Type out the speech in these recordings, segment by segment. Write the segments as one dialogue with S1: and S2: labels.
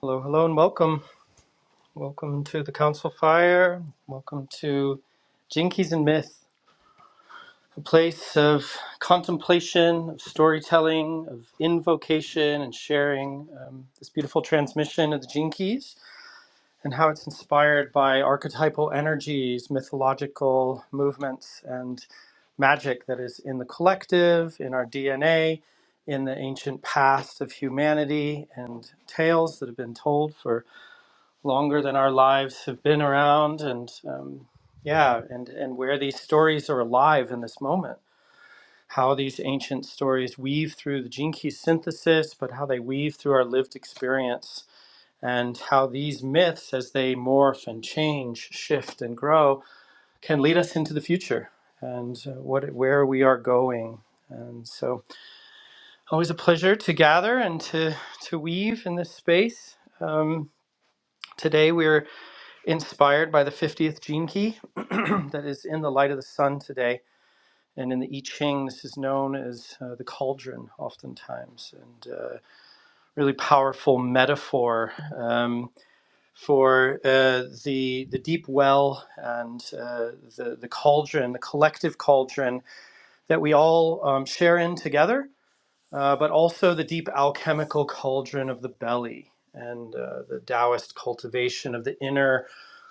S1: Hello, hello, and welcome. Welcome to the Council Fire. Welcome to Jinkies and Myth, a place of contemplation, of storytelling, of invocation and sharing um, this beautiful transmission of the Jinkies and how it's inspired by archetypal energies, mythological movements, and magic that is in the collective, in our DNA, in the ancient past of humanity, and tales that have been told for longer than our lives have been around and um, yeah and and where these stories are alive in this moment how these ancient stories weave through the gene key synthesis but how they weave through our lived experience and how these myths as they morph and change shift and grow can lead us into the future and uh, what where we are going and so always a pleasure to gather and to to weave in this space um, today. we're inspired by the 50th gene key that is in the light of the sun today. And in the I Ching, this is known as uh, the cauldron, oftentimes, and uh, really powerful metaphor um, for uh, the the deep well and uh, the the cauldron, the collective cauldron that we all um, share in together, uh, but also the deep alchemical cauldron of the belly and uh, the Taoist cultivation of the inner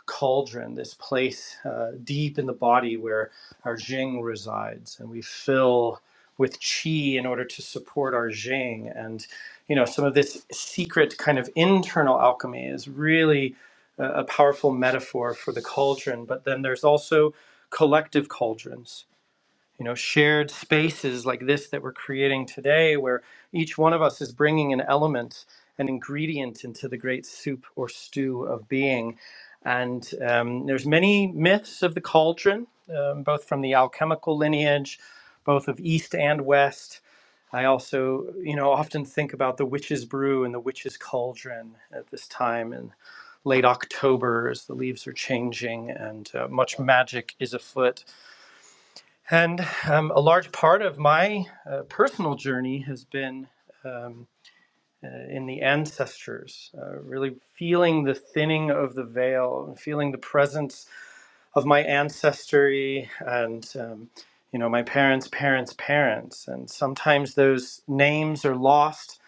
S1: cauldron, this place uh, deep in the body where our Jing resides, and we fill with qi in order to support our Jing. And you know, some of this secret kind of internal alchemy is really a, a powerful metaphor for the cauldron. But then there's also collective cauldrons you know shared spaces like this that we're creating today where each one of us is bringing an element an ingredient into the great soup or stew of being and um, there's many myths of the cauldron um, both from the alchemical lineage both of east and west i also you know often think about the witch's brew and the witch's cauldron at this time in late october as the leaves are changing and uh, much magic is afoot and um, a large part of my uh, personal journey has been um, uh, in the ancestors, uh, really feeling the thinning of the veil, and feeling the presence of my ancestry and, um, you know, my parents' parents' parents. And sometimes those names are lost.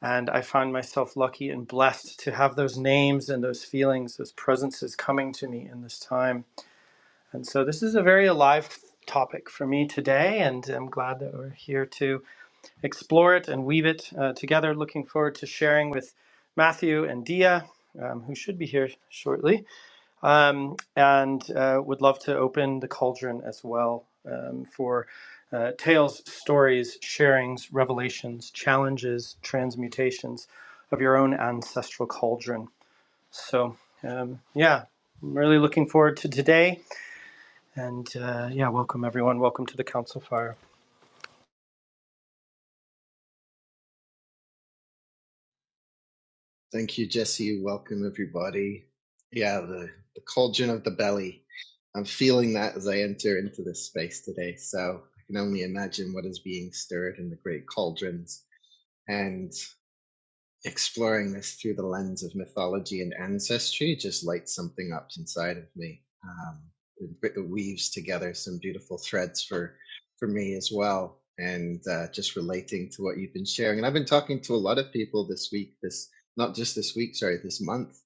S1: And I find myself lucky and blessed to have those names and those feelings, those presences coming to me in this time and so this is a very alive topic for me today, and I'm glad that we're here to explore it and weave it uh, together. Looking forward to sharing with Matthew and Dia, um, who should be here shortly, um, and uh, would love to open the cauldron as well um, for uh, tales, stories, sharings, revelations, challenges, transmutations of your own ancestral cauldron. So, um, yeah, I'm really looking forward to today and uh, yeah, welcome everyone. Welcome to the Council Fire.
S2: Thank you, Jesse. Welcome, everybody. Yeah, the, the cauldron of the belly. I'm feeling that as I enter into this space today. So I can only imagine what is being stirred in the great cauldrons. and exploring this through the lens of mythology and ancestry just lights something up inside of me. Um, it weaves together some beautiful threads for for me as well, and uh, just relating to what you've been sharing. And I've been talking to a lot of people this week, this not just this week, sorry, this month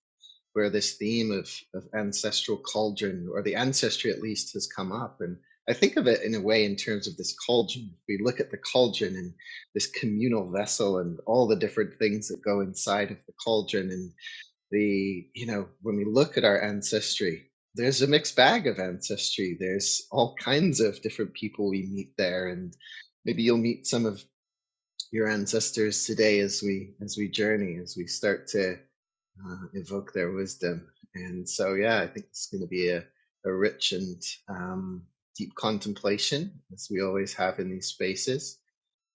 S2: where this theme of, of ancestral cauldron or the ancestry at least has come up and i think of it in a way in terms of this cauldron if we look at the cauldron and this communal vessel and all the different things that go inside of the cauldron and the you know when we look at our ancestry there's a mixed bag of ancestry there's all kinds of different people we meet there and maybe you'll meet some of your ancestors today as we as we journey as we start to uh, invoke their wisdom. And so, yeah, I think it's going to be a, a rich and um, deep contemplation, as we always have in these spaces.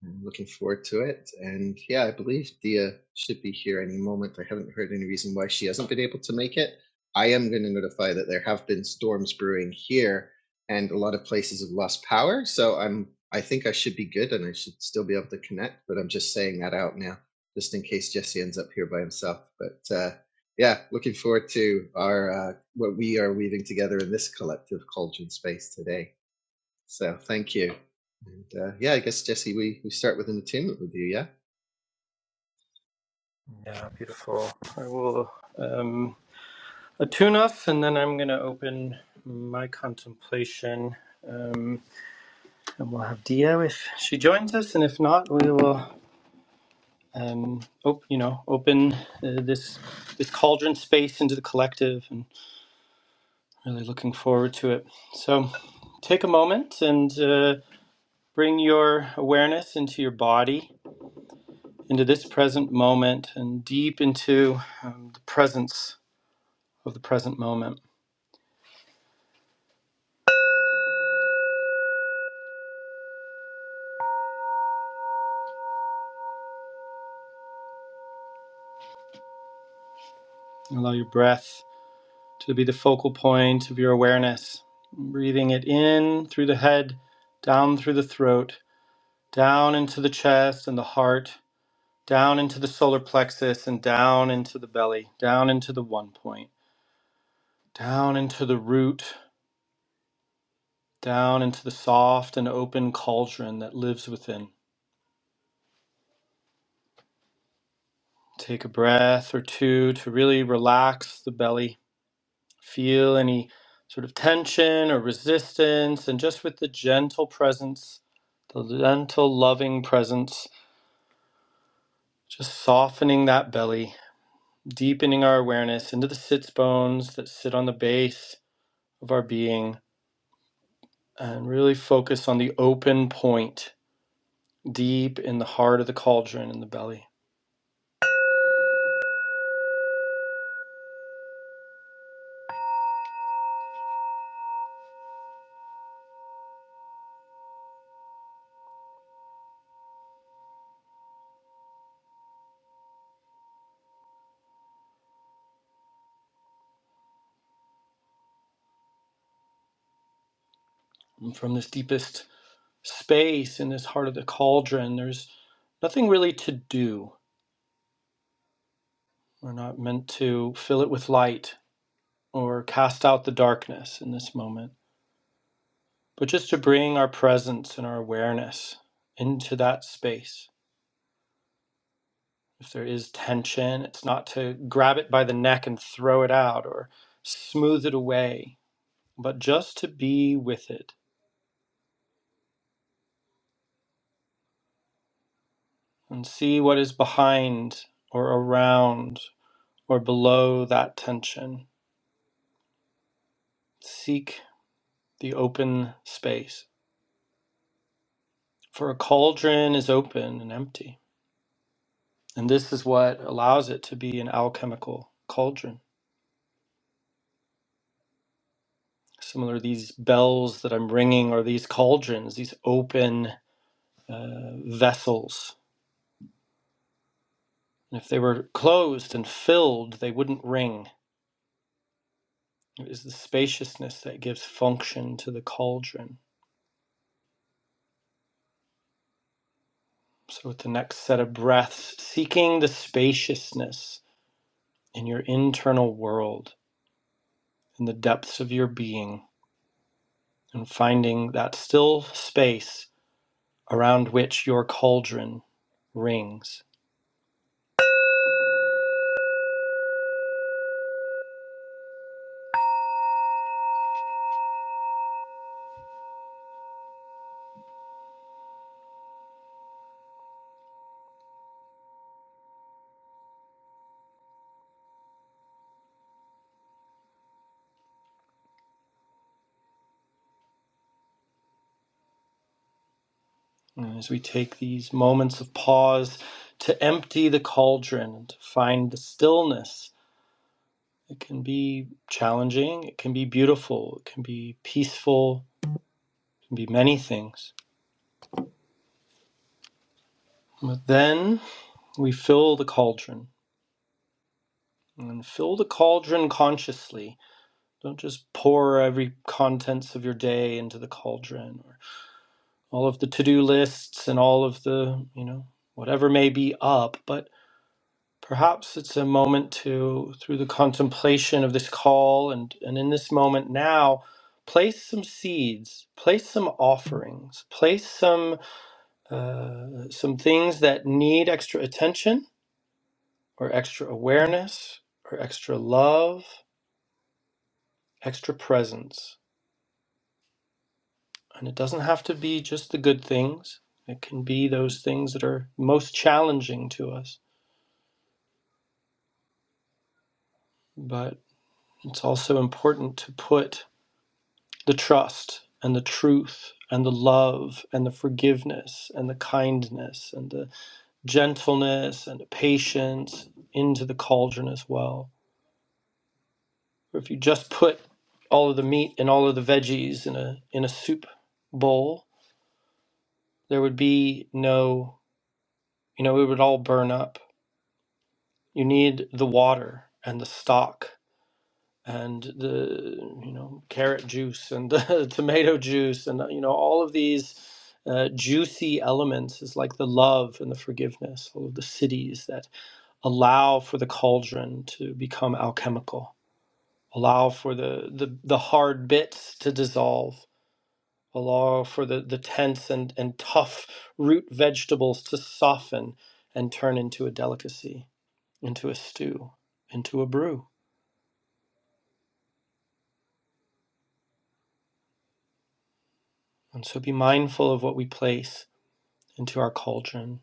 S2: I'm looking forward to it. And yeah, I believe Dia should be here any moment. I haven't heard any reason why she hasn't been able to make it. I am going to notify that there have been storms brewing here, and a lot of places have lost power. So I'm, I think I should be good, and I should still be able to connect. But I'm just saying that out now, just in case Jesse ends up here by himself. But uh, yeah, looking forward to our uh, what we are weaving together in this collective cauldron space today. So thank you. And uh, yeah, I guess Jesse, we, we start with an attunement with you, yeah?
S1: Yeah, beautiful. I will um, attune us and then I'm going to open my contemplation. Um, and we'll have Dia if she joins us. And if not, we will. Um, op- you know, open uh, this this cauldron space into the collective, and really looking forward to it. So, take a moment and uh, bring your awareness into your body into this present moment and deep into um, the presence of the present moment. And allow your breath to be the focal point of your awareness, breathing it in through the head, down through the throat, down into the chest and the heart, down into the solar plexus and down into the belly, down into the one point, down into the root, down into the soft and open cauldron that lives within. Take a breath or two to really relax the belly Feel any sort of tension or resistance, and just with the gentle presence, the gentle, loving presence, just softening that belly, deepening our awareness into the sits bones that sit on the base of our being, and really focus on the open point deep in the heart of the cauldron in the belly. And from this deepest space in this heart of the cauldron, there's nothing really to do. We're not meant to fill it with light or cast out the darkness in this moment, but just to bring our presence and our awareness into that space. If there is tension, it's not to grab it by the neck and throw it out or smooth it away, but just to be with it and see what is behind or around or below that tension. Seek the open space. For a cauldron is open and empty. And this is what allows it to be an alchemical cauldron Similar, these bells that I'm ringing are these cauldrons, these open uh, vessels. And if they were closed and filled, they wouldn't ring. It is the spaciousness that gives function to the cauldron. So, with the next set of breaths, seeking the spaciousness in your internal world, in the depths of your being, and finding that still space around which your cauldron rings. And As we take these moments of pause to empty the cauldron and to find the stillness, it can be challenging, it can be beautiful, it can be peaceful, it can be many things. But then we fill the cauldron and fill the cauldron consciously. Don't just pour every contents of your day into the cauldron or all of the to-do lists and all of the, you know, whatever may be up, But Perhaps it's a moment to, through the contemplation of this call and, and in this moment now, place some seeds, place some offerings, place some uh, some things that need extra attention or extra awareness or extra love, extra presence. And it doesn't have to be just the good things. It can be those things that are most challenging to us. But it's also important to put the trust and the truth and the love and the forgiveness and the kindness and the gentleness and the patience into the cauldron as well. Or if you just put all of the meat and all of the veggies in a in a soup bowl, there would be no, you know, it would all burn up. You need the water and the stock and the you know carrot juice and the tomato juice and you know all of these uh, juicy elements is like the love and the forgiveness all of the cities that allow for the cauldron to become alchemical allow for the the, the hard bits to dissolve allow for the the tense and and tough root vegetables to soften and turn into a delicacy into a stew into a brew and so be mindful of what we place into our cauldron,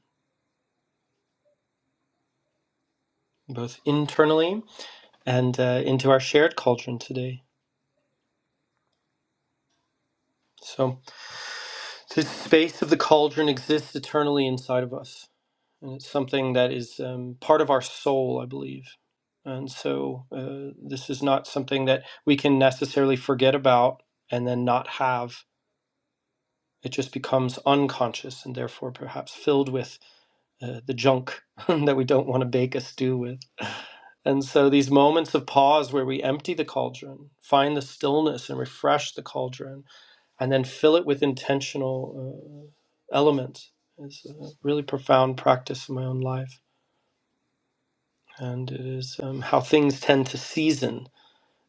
S1: both internally and uh, into our shared cauldron today. So, this space of the cauldron exists eternally inside of us. And it's something that is um, part of our soul, I believe. And so, uh, this is not something that we can necessarily forget about and then not have. It just becomes unconscious and therefore perhaps filled with uh, the junk that we don't want to bake a stew with. And so these moments of pause where we empty the cauldron, find the stillness and refresh the cauldron, and then fill it with intentional uh, elements is a really profound practice in my own life. And it is um, how things tend to season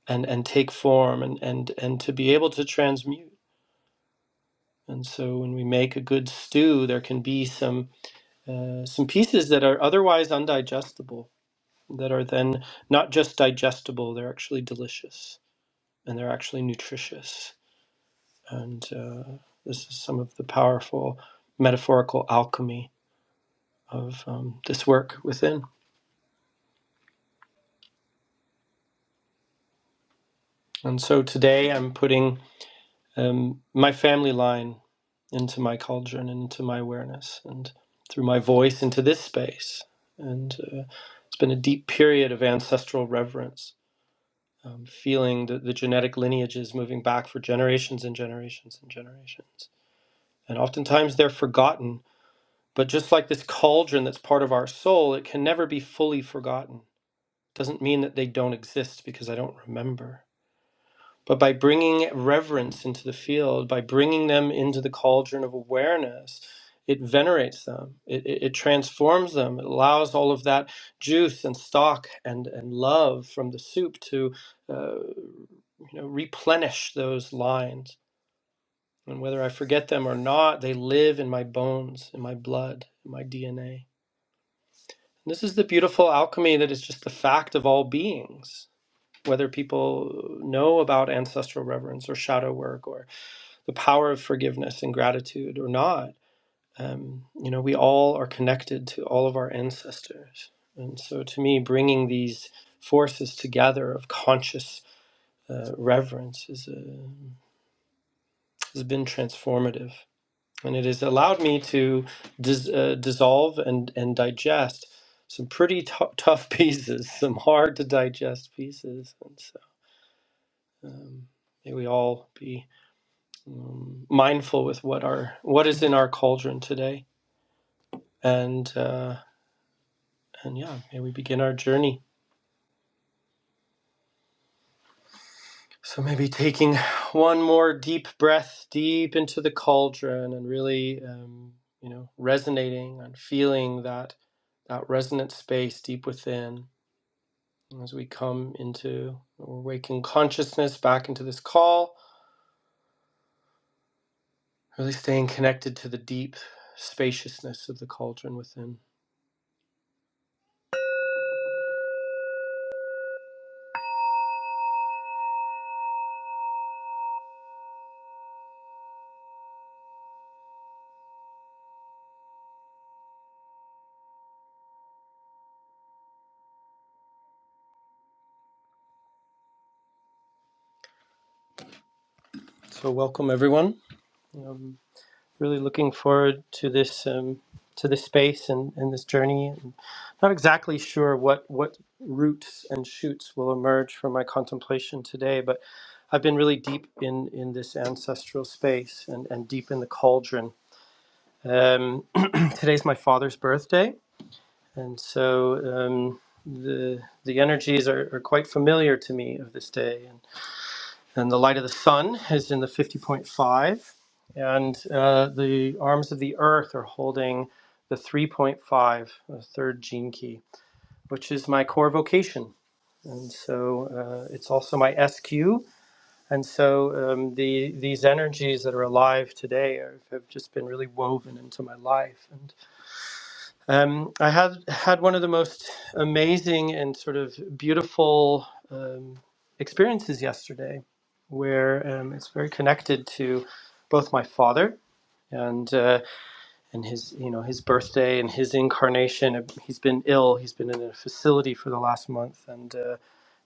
S1: and, and take form and, and, and to be able to transmute. And so when we make a good stew, there can be some, uh, some pieces that are otherwise undigestible that are then not just digestible, they're actually delicious and they're actually nutritious. And uh, this is some of the powerful metaphorical alchemy of um, this work within. And so today I'm putting um, my family line into my cauldron, into my awareness and through my voice into this space. And uh, it's been a deep period of ancestral reverence, um, feeling the, the genetic lineages moving back for generations and generations and generations And oftentimes they're forgotten. But just like this cauldron that's part of our soul, it can never be fully forgotten. Doesn't mean that they don't exist because I don't remember. But by bringing reverence into the field, by bringing them into the cauldron of awareness, it venerates them, it, it, it transforms them, it allows all of that juice and stock and, and love from the soup to uh, you know, replenish those lines and whether I forget them or not, they live in my bones, in my blood, in my DNA. And this is the beautiful alchemy that is just the fact of all beings. Whether people know about ancestral reverence or shadow work or the power of forgiveness and gratitude or not, um, you know, we all are connected to all of our ancestors. And so to me, bringing these forces together of conscious uh, reverence is, uh, has been transformative. and it has allowed me to dis- uh, dissolve and, and digest some pretty tou- tough pieces, some hard to digest pieces. And so, um, may we all be um, mindful with what our what is in our cauldron today, and uh, and yeah, may we begin our journey. So maybe taking one more deep breath deep into the cauldron and really, um, you know, resonating and feeling that that resonant space deep within as we come into we waking consciousness back into this call, really staying connected to the deep spaciousness of the cauldron within. So welcome everyone. I'm really looking forward to this um, to this space and, and this journey. I'm not exactly sure what what roots and shoots will emerge from my contemplation today, but I've been really deep in in this ancestral space and, and deep in the cauldron. Um, today's my father's birthday And so um, the the energies are, are quite familiar to me of this day. And, and the light of the sun is in the 50.5, and uh, the arms of the earth are holding the 3.5, the third gene key, which is my core vocation. And so uh, it's also my SQ. And so um, the these energies that are alive today are, have just been really woven into my life. and. Um, I had had one of the most amazing and sort of beautiful um, experiences yesterday, where um, it's very connected to both my father and uh, and his you know his birthday and his incarnation. He's been ill. He's been in a facility for the last month, and uh,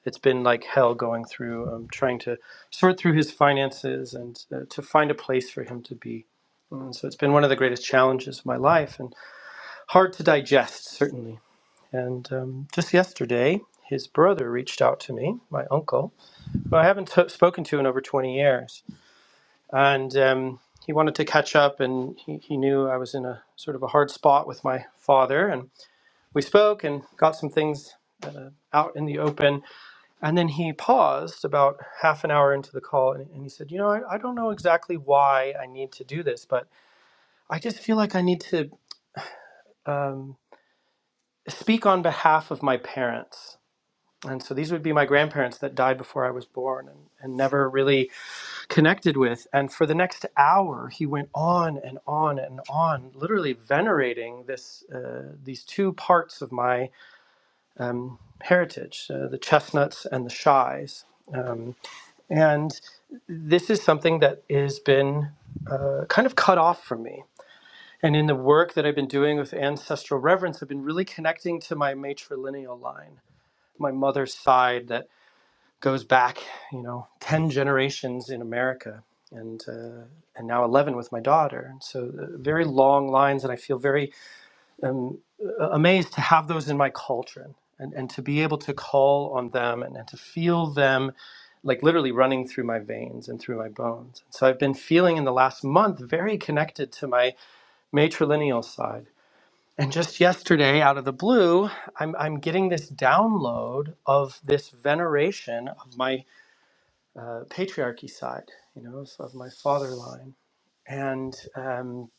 S1: it's been like hell going through um, trying to sort through his finances and uh, to find a place for him to be. And so it's been one of the greatest challenges of my life, and hard to digest certainly and um, just yesterday, his brother reached out to me, my uncle, who I haven't t- spoken to in over 20 years. And um, he wanted to catch up, and he, he knew I was in a sort of a hard spot with my father. And we spoke and got some things uh, out in the open. And then he paused about half an hour into the call and, and he said, You know, I, I don't know exactly why I need to do this, but I just feel like I need to um, speak on behalf of my parents and so these would be my grandparents that died before I was born and, and never really connected with. And for the next hour, he went on and on and on, literally venerating this uh, these two parts of my um, heritage, uh, the chestnuts and the shies. Um, and this is something that has been uh, kind of cut off from me. And in the work that I've been doing with ancestral reverence, I've been really connecting to my matrilineal line, my mother's side that goes back, you know, 10 generations in America and uh, and now 11 with my daughter. And so uh, very long lines and I feel very um, amazed to have those in my culture and, and to be able to call on them and, and to feel them like literally running through my veins and through my bones. And so I've been feeling in the last month very connected to my matrilineal side. And just yesterday, out of the blue, I'm, I'm getting this download of this veneration of my uh, patriarchy side, you know, of, of my father line, and um,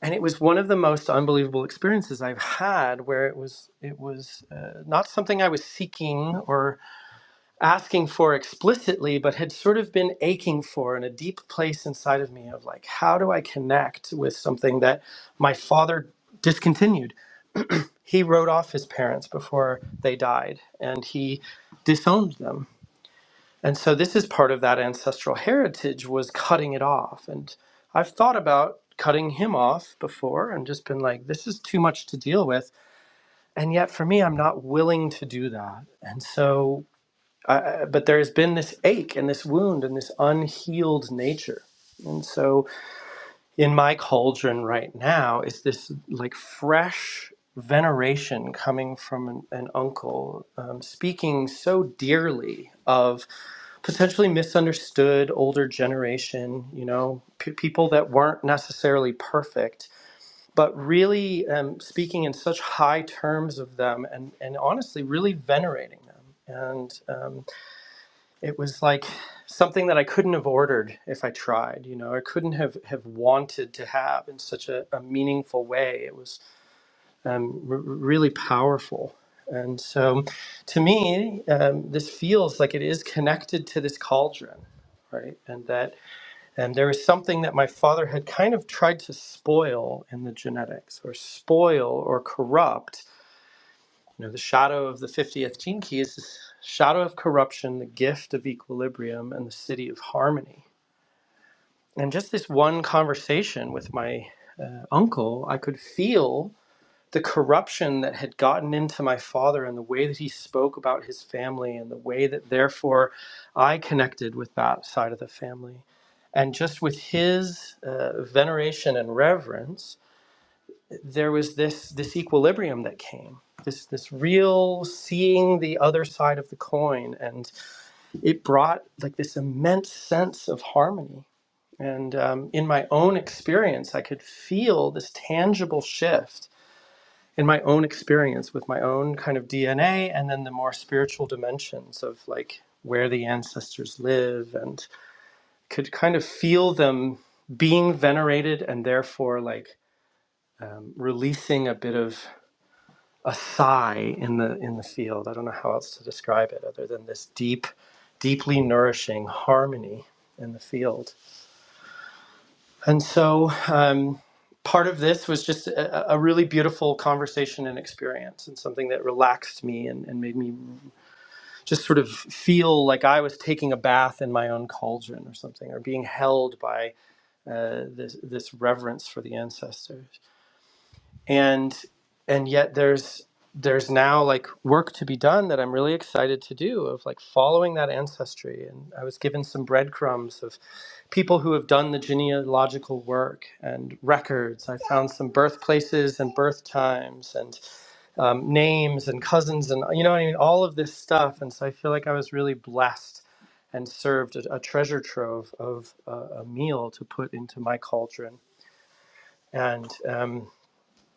S1: and it was one of the most unbelievable experiences I've had, where it was it was uh, not something I was seeking or asking for explicitly, but had sort of been aching for in a deep place inside of me of like, how do I connect with something that my father discontinued? He wrote off his parents before they died, and he disowned them And so this is part of that ancestral heritage was cutting it off. And I've thought about cutting him off before and just been like, this is too much to deal with. And yet for me, I'm not willing to do that. And so, I, but there has been this ache and this wound and this unhealed nature. And so in my cauldron right now is this like fresh veneration coming from an, an uncle um, speaking so dearly of potentially misunderstood older generation, you know, p- people that weren't necessarily perfect, but really um, speaking in such high terms of them and, and honestly really venerating them. And um, it was like something that I couldn't have ordered if I tried, you know, I couldn't have, have wanted to have in such a, a meaningful way. It was um, r- really powerful. And so, to me, um, this feels like it is connected to this cauldron, right? And that, and there is something that my father had kind of tried to spoil in the genetics, or spoil, or corrupt. You know, the shadow of the fiftieth gene key is this shadow of corruption, the gift of equilibrium, and the city of harmony. And just this one conversation with my uh, uncle, I could feel the corruption that had gotten into my father and the way that he spoke about his family and the way that therefore I connected with that side of the family. And just with his uh, veneration and reverence, there was this, this equilibrium that came, this, this real seeing the other side of the coin. And it brought like this immense sense of harmony. And um, in my own experience, I could feel this tangible shift in my own experience with my own kind of DNA and then the more spiritual dimensions of like where the ancestors live and could kind of feel them being venerated and therefore like releasing a bit of a sigh in the in the field. I don't know how else to describe it other than this deep, deeply nourishing harmony in the field. And so um, part of this was just a, a really beautiful conversation and experience and something that relaxed me and, and made me just sort of feel like I was taking a bath in my own cauldron or something, or being held by uh, this this reverence for the ancestors. And and yet there's there's now like work to be done that I'm really excited to do of like following that ancestry. And I was given some breadcrumbs of people who have done the genealogical work and records. I found some birthplaces and birth times and um, names and cousins and you know what I mean, all of this stuff. And so I feel like I was really blessed and served a, a treasure trove of uh, a meal to put into my cauldron. And um,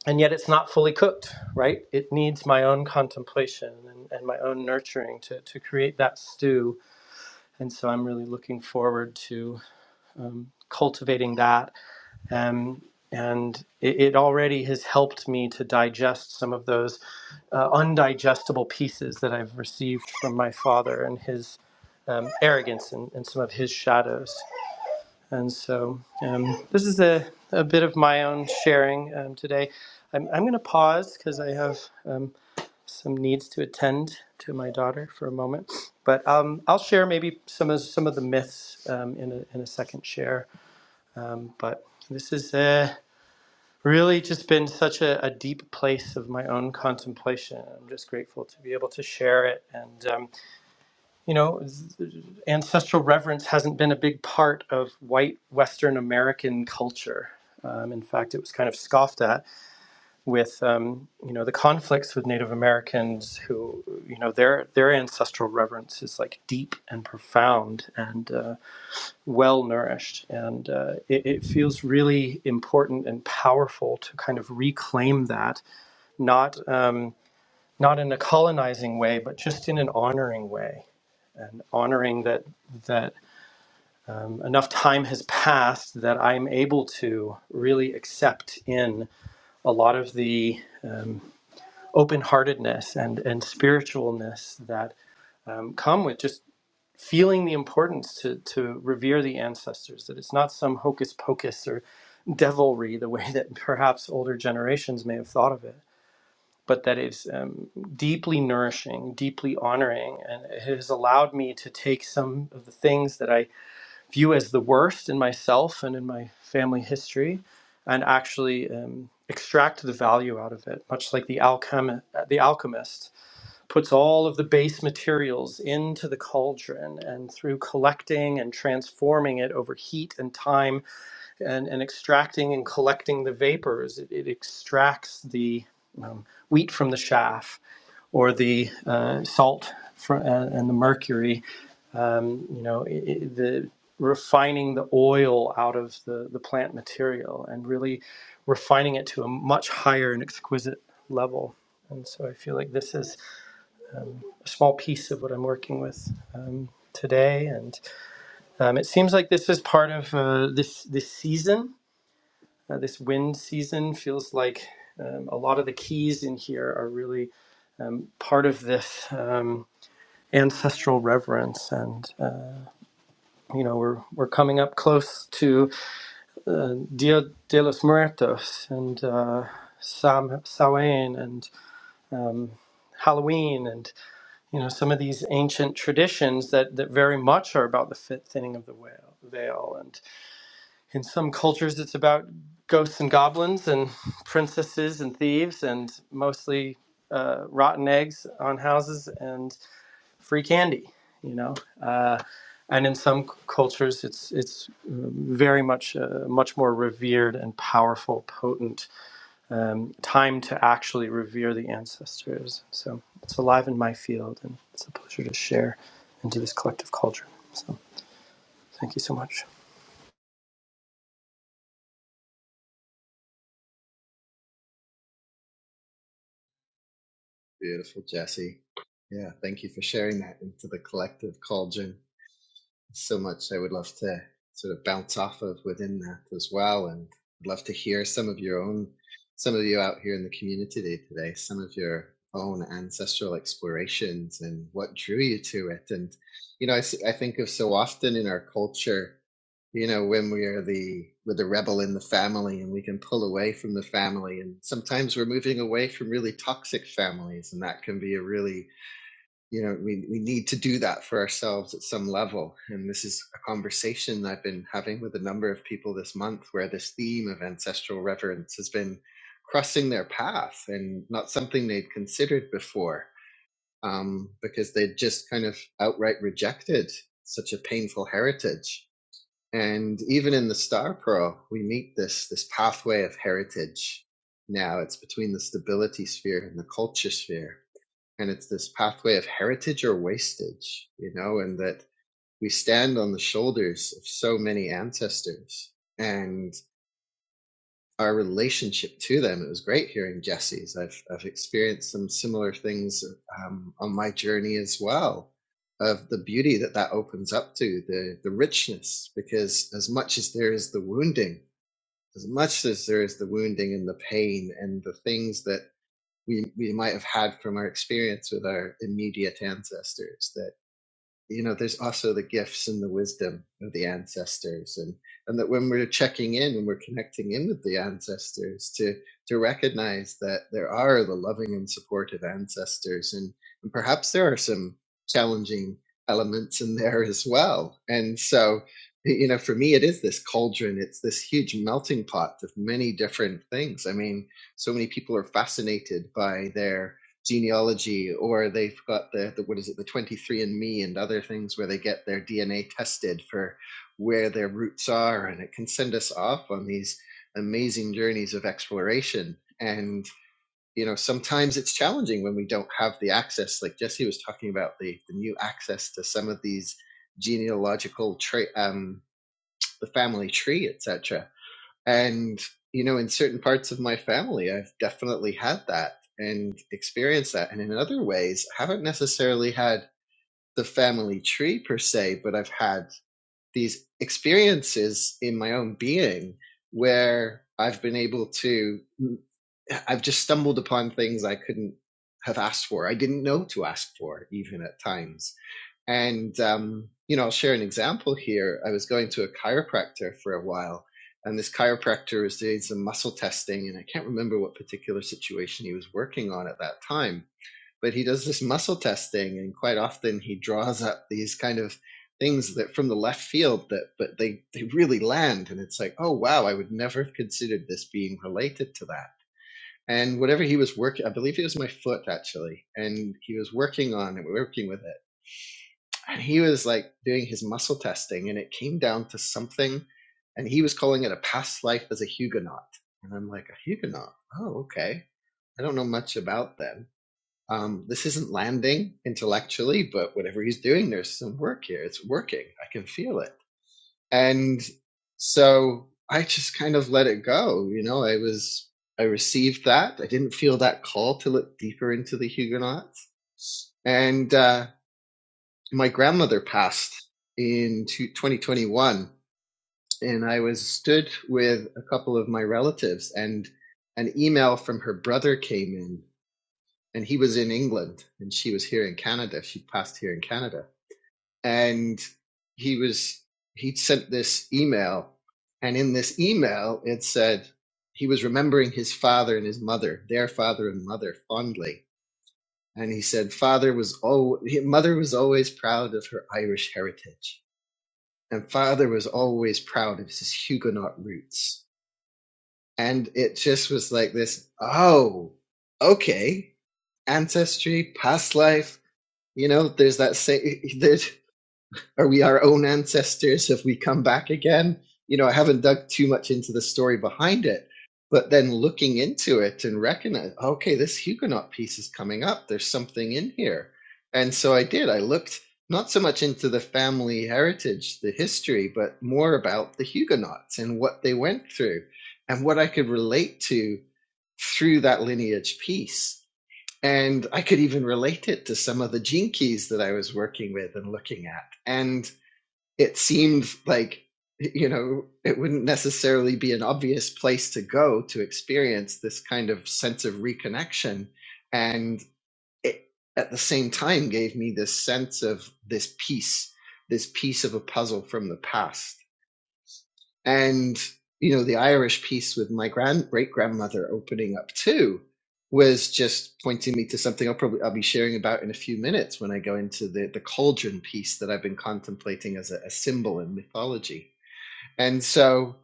S1: and yet it's not fully cooked, right? It needs my own contemplation and, and my own nurturing to, to create that stew. And so I'm really looking forward to cultivating that Um, and it, it already has helped me to digest some of those uh, undigestible pieces that I've received from my father and his um, arrogance and, and some of his shadows. And so um, this is a, a bit of my own sharing um, today. I'm, I'm going to pause because I have um, some needs to attend to my daughter for a moment. But um, I'll share maybe some of some of the myths um, in, a, in a second share. But this is a really just been such a, a deep place of my own contemplation. I'm just grateful to be able to share it. And, um, you know, ancestral reverence hasn't been a big part of white Western American culture. Um, in fact, it was kind of scoffed at with, um, you know, the conflicts with Native Americans who, you know, their their ancestral reverence is like deep and profound. And, uh, well nourished. And uh, it, it feels really important and powerful to kind of reclaim that, not, um, not in a colonizing way, but just in an honoring way. And honoring that that um, enough time has passed that I'm able to really accept in a lot of the um, open-heartedness and and spiritualness that um, come with just feeling the importance to to revere the ancestors. That it's not some hocus pocus or devilry the way that perhaps older generations may have thought of it, but that is um, deeply nourishing, deeply honoring, and it has allowed me to take some of the things that I view as the worst in myself and in my family history, and actually um, extract the value out of it, much like the alchem- the alchemist puts all of the base materials into the cauldron and through collecting and transforming it over heat and time and, and extracting and collecting the vapors. It, it extracts the um, wheat from the chaff or the uh, salt fr- uh, and the mercury, um, you know, i i the refining the oil out of the, the plant material and really refining it to a much higher and exquisite level. And so I feel like this is a small piece of what I'm working with um, today. And um, it seems like this is part of uh, this this season uh, this wind season feels like um, a lot of the keys in here are really um, part of this um, ancestral reverence, and uh, you know we're we're coming up close to Dia de los Muertos and uh, Sam Samhain and um, Halloween, and you know some of these ancient traditions that that very much are about the thinning of the veil, veil. and. in some cultures it's about ghosts and goblins and princesses and thieves and mostly uh, rotten eggs on houses and free candy you know uh, and in some cultures it's it's um, very much uh, much more revered and powerful potent um, time to actually revere the ancestors so it's alive in my field and it's a pleasure to share into this collective culture so thank you so much
S2: Beautiful, Jesse. Yeah, thank you for sharing that into the collective, cauldron. so much I would love to sort of bounce off of within that as well. And I'd love to hear some of your own, some of you out here in the community today, some of your own ancestral explorations and what drew you to it. And, you know, I I think of so often in our culture, you know, when we're the, with the rebel in the family and we can pull away from the family. And sometimes we're moving away from really toxic families. And that can be a really you know we, we need to do that for ourselves at some level and this is a conversation i've been having with a number of people this month where this theme of ancestral reverence has been crossing their path and not something they'd considered before um, because they'd just kind of outright rejected such a painful heritage and even in the star pearl we meet this this pathway of heritage now it's between the stability sphere and the culture sphere and it's this pathway of heritage or wastage you know and that we stand on the shoulders of so many ancestors and our relationship to them it was great hearing jesse's i've, I've experienced some similar things um, on my journey as well of the beauty that that opens up to the the richness because as much as there is the wounding as much as there is the wounding and the pain and the things that we we might have had from our experience with our immediate ancestors that you know there's also the gifts and the wisdom of the ancestors and and that when we're checking in and we're connecting in with the ancestors to to recognize that there are the loving and supportive ancestors and, and perhaps there are some challenging elements in there as well and so you know for me it is this cauldron it's this huge melting pot of many different things i mean so many people are fascinated by their genealogy or they've got the, the what is it the 23 and Me and other things where they get their dna tested for where their roots are and it can send us off on these amazing journeys of exploration and you know sometimes it's challenging when we don't have the access like jesse was talking about the, the new access to some of these genealogical tra- um, the family tree etc and, you know, in certain parts of my family, I've definitely had that and experienced that. And in other ways, I haven't necessarily had the family tree per se, but I've had these experiences in my own being where I've been able to, mm, I've just stumbled upon things I couldn't have asked for. I didn't know to ask for even at times and, um, you know, I'll share an example here. I was going to a chiropractor for a while, and this chiropractor was doing some muscle testing, and I can't remember what particular situation he was working on at that time. But he does this muscle testing, and quite often he draws up these kind of things that from the left field that but they they really land and it's like oh wow i would never have considered this being related to that and whatever he was working i believe it was my foot actually and he was working on it working with it and he was like doing his muscle testing and it came down to something and he was calling it a past life as a huguenot and i'm like a huguenot oh okay i don't know much about them um, this isn't landing intellectually but whatever he's doing there's some work here it's working i can feel it and so i just kind of let it go you know i was i received that i didn't feel that call to look deeper into the huguenots and uh my grandmother passed in 2021 and i was stood with a couple of my relatives and an email from her brother came in and he was in england and she was here in canada she passed here in canada and he was he'd sent this email and in this email it said he was remembering his father and his mother their father and mother fondly and he said father was oh mother was always proud of her irish heritage and father was always proud of his Huguenot roots. And it just was like this, oh, okay, ancestry, past life, you know, there's that same, there's, are we our own ancestors? Have we come back again? You know, I haven't dug too much into the story behind it, but then looking into it and recognizing, okay, this Huguenot piece is coming up. There's something in here. And so I did. I looked not so much into the family heritage, the history, but more about the Huguenots and what they went through and what I could relate to through that lineage piece. And I could even relate it to some of the gene keys that I was working with and looking at. And it seemed like you know it wouldn't necessarily be an obvious place to go to experience this kind of sense of reconnection and it at the same time gave me this sense of this piece this piece of a puzzle from the past and you know the irish piece with my grand great grandmother opening up too was just pointing me to something i'll probably i'll be sharing about in a few minutes when i go into the the cauldron piece that i've been contemplating as a, a symbol in mythology and so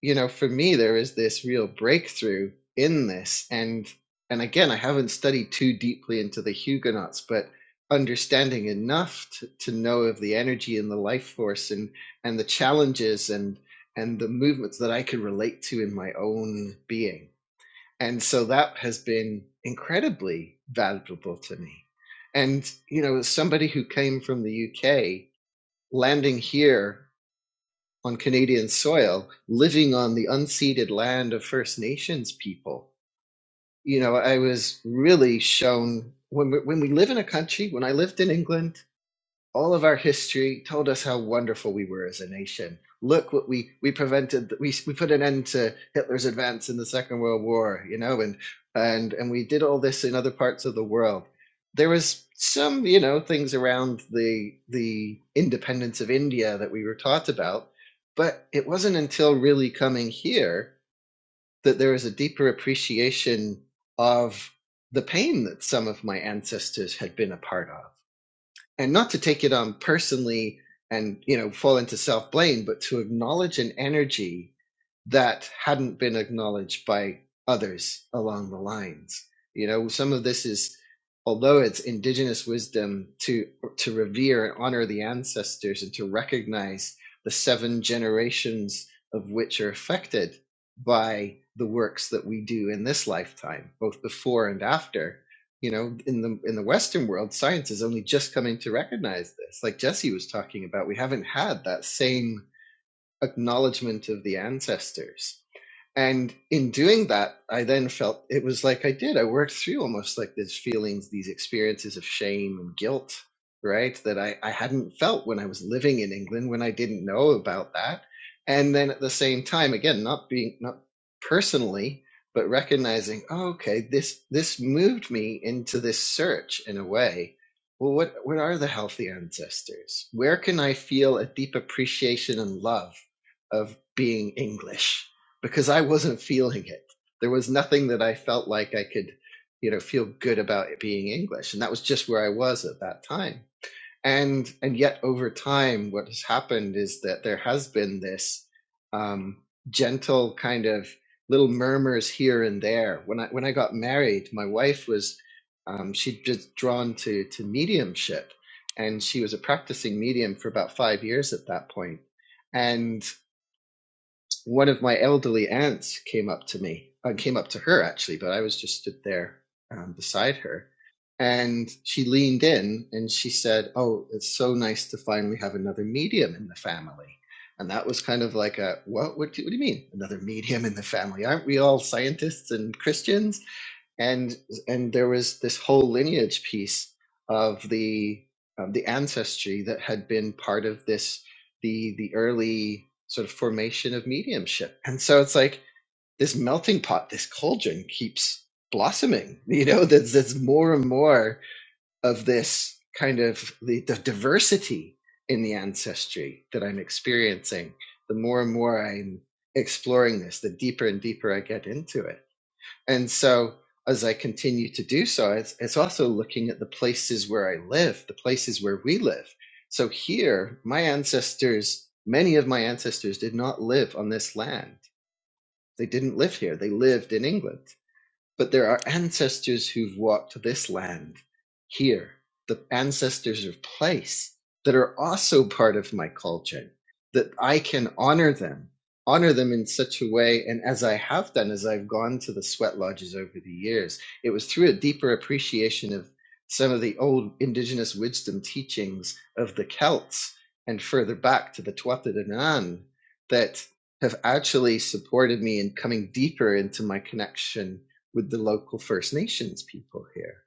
S2: you know, for me, there is this real breakthrough in this. And and again, I haven't studied too deeply into the Huguenots, but understanding enough to, to know of the energy and the life force and and the challenges and and the movements that I could relate to in my own being. And so that has been incredibly valuable to me. And you know, as somebody who came from the UK, landing here on Canadian soil, living on the unceded land of First Nations people. You know, I was really shown when we, when we live in a country. When I lived in England, all of our history told us how wonderful we were as a nation. Look what we we prevented. We we put an end to Hitler's advance in the Second World War. You know, and and and we did all this in other parts of the world. There was some you know things around the the independence of India that we were taught about, but it wasn't until really coming here that there was a deeper appreciation of the pain that some of my ancestors had been a part of and not to take it on personally and you know fall into self blame, but to acknowledge an energy that hadn't been acknowledged by others along the lines. You know, some of this is, although it's indigenous wisdom to to revere and honor the ancestors and to recognize the seven generations of which are affected by the works that we do in this lifetime, both before and after. You know, in the in the Western world, science is only just coming to recognize this. Like Jesse was talking about, we haven't had that same acknowledgement of the ancestors and in doing that, I then felt it was like I did. I worked through almost like these feelings, these experiences of shame and guilt, right? That I, I hadn't felt when I was living in England, when I didn't know about that. And then at the same time, again, not being, not personally, but recognizing, oh, okay, this, this moved me into this search in a way. Well, what, what are the healthy ancestors? Where can I feel a deep appreciation and love of being English? because I wasn't feeling it. There was nothing that I felt like I could, you know, feel good about it being English. And that was just where I was at that time. And and yet over time, what has happened is that there has been this um, gentle kind of little murmurs here and there. When I when I got married, my wife was um, she'd just drawn to to mediumship, and she was a practicing medium for about five years at that point And one of my elderly aunts came up to me, uh, came up to her actually, but I was just stood there um, beside her. And she leaned in and she said, Oh, it's so nice to finally have another medium in the family. And that was kind of like a, What, what, do, what do you mean? Another medium in the family? Aren't we all scientists and Christians? and and there was this whole lineage piece of the um, the ancestry that had been part of this the the early sort of formation of mediumship and so it's like this melting pot this cauldron keeps blossoming you know there's, there's more and more of this kind of the, the diversity in the ancestry that i'm experiencing the more and more i'm exploring this the deeper and deeper i get into it and so as I continue to do so, it's, it's also looking at the places where I live, the places where we live. So here, my ancestors, many of my ancestors did not live on this land. They didn't live here. They lived in England. But there are ancestors who've walked this land here, the ancestors of place that are also part of my culture, that I can honor them, honor them in such a way. And as I have done, as I've gone to the sweat lodges over the years, it was through a deeper appreciation of some of the old indigenous wisdom teachings of the Celts and further back to the Tuatha De Danann that have actually supported me in coming deeper into my connection with the local First Nations people here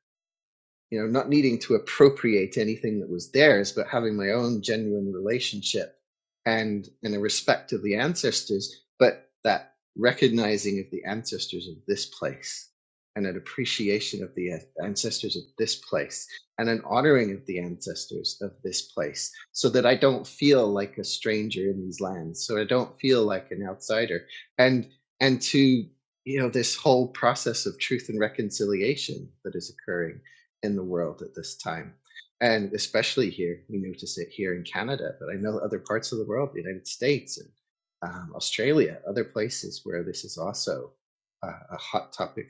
S2: you know, not needing to appropriate anything that was theirs, but having my own genuine relationship and and a respect of the ancestors, but that recognizing of the ancestors of this place and an appreciation of the ancestors of this place and an honoring of the ancestors of this place so that I don't feel like a stranger in these lands so I don't feel like an outsider and and to you know this whole process of truth and reconciliation that is occurring in the world at this time. And especially here, we notice it here in Canada, but I know other parts of the world, the United States and um, Australia, other places where this is also a, a hot topic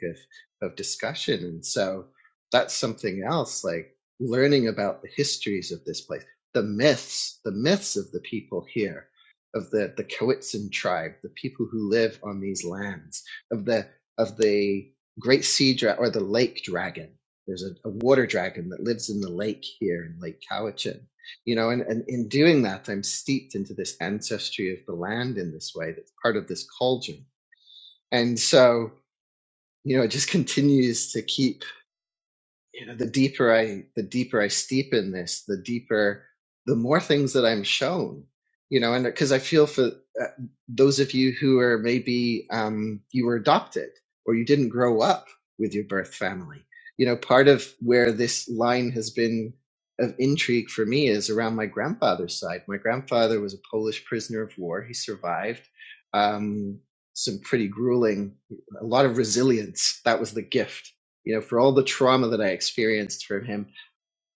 S2: of, of discussion. And so that's something else, like learning about the histories of this place, the myths, the myths of the people here, of the, the Coetzin tribe, the people who live on these lands, of the, of the great sea dra- or the lake dragon there's a, a water dragon that lives in the lake here in Lake Cowichan. You know, and, and in doing that, I'm steeped into this ancestry of the land in this way that's part of this cauldron. And so, you know, it just continues to keep you know the deeper i the deeper i steep in this the deeper the more things that i'm shown you know and because i feel for uh, those of you who are maybe um, you were adopted or you didn't grow up with your birth family you know part of where this line has been of intrigue for me is around my grandfather's side my grandfather was a polish prisoner of war he survived um, some pretty grueling a lot of resilience that was the gift you know, for all the trauma that I experienced from him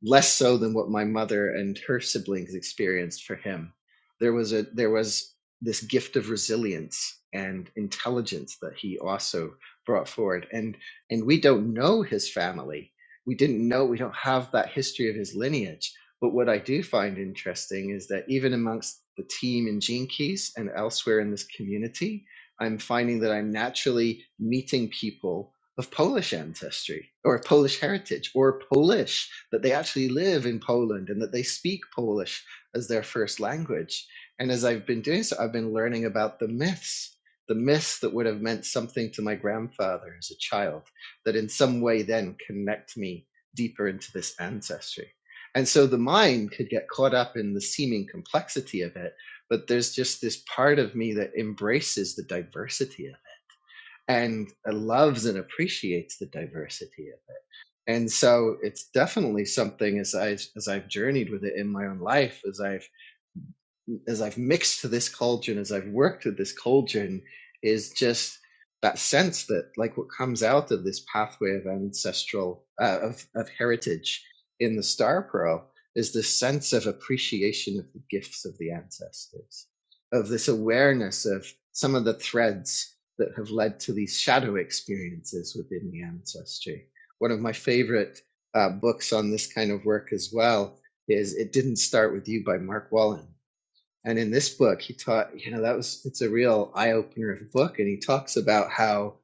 S2: less so than what my mother and her siblings experienced for him. There was a there was this gift of resilience and intelligence that he also brought forward. And and we don't know his family. We didn't know we don't have that history of his lineage. But what I do find interesting is that even amongst the team in Gene Keys and elsewhere in this community, I'm finding that I'm naturally meeting people of Polish ancestry or Polish heritage or Polish that they actually live in Poland and that they speak Polish as their first language. And as I've been doing so, I've been learning about the myths, the myths that would have meant something to my grandfather as a child, that in some way then connect me deeper into this ancestry. And so the mind could get caught up in the seeming complexity of it, but there's just this part of me that embraces the diversity of it and loves and appreciates the diversity of it and so it's definitely something as I as I've journeyed with it in my own life, as I've as I've mixed to this cauldron, as I've worked with this cauldron, is just that sense that like what comes out of this pathway of ancestral uh, of of heritage in the star pearl is this sense of appreciation of the gifts of the ancestors, of this awareness of some of the threads that have led to these shadow experiences within the ancestry. One of my favorite uh, books on this kind of work as well is It Didn't Start With You by Mark Wallen and in this book he taught you know that was it's a real eye opener of a book and he talks about how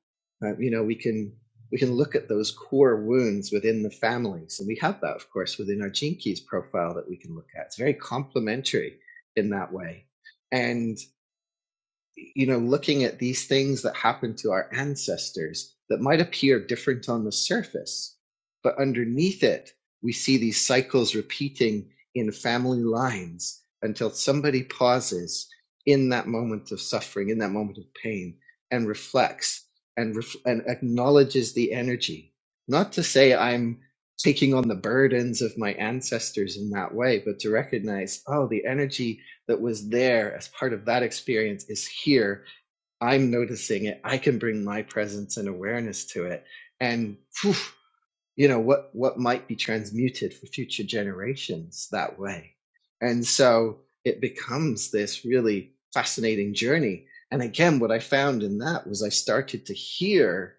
S2: uh, you know we can we can look at those core wounds within the families and we have that of course within our gene keys profile that we can look at it's very complementary in that way and you know, looking at these things that happened to our ancestors that might appear different on the surface, but underneath it, we see these cycles repeating in family lines until somebody pauses in that moment of suffering, in that moment of pain, and reflects and, ref- and acknowledges the energy. Not to say I'm taking on the burdens of my ancestors in that way, but to recognize, oh, the energy that was there as part of that experience is here. I'm noticing it. I can bring my presence and awareness to it. And phew, you know what what might be transmuted for future generations that way. And so it becomes this really fascinating journey. And again, what I found in that was I started to hear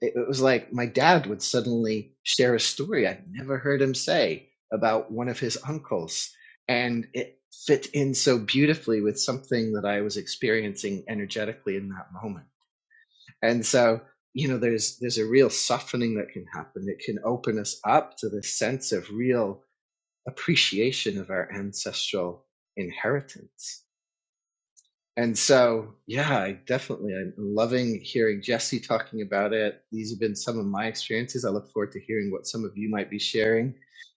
S2: it, it was like my dad would suddenly share a story I'd never heard him say about one of his uncles. And it fit in so beautifully with something that I was experiencing energetically in that moment. And so, you know, there's there's a real softening that can happen. It can open us up to this sense of real appreciation of our ancestral inheritance and so, yeah, I definitely, I'm loving hearing Jesse talking about it. These have been some of my experiences. I look forward to hearing what some of you might be sharing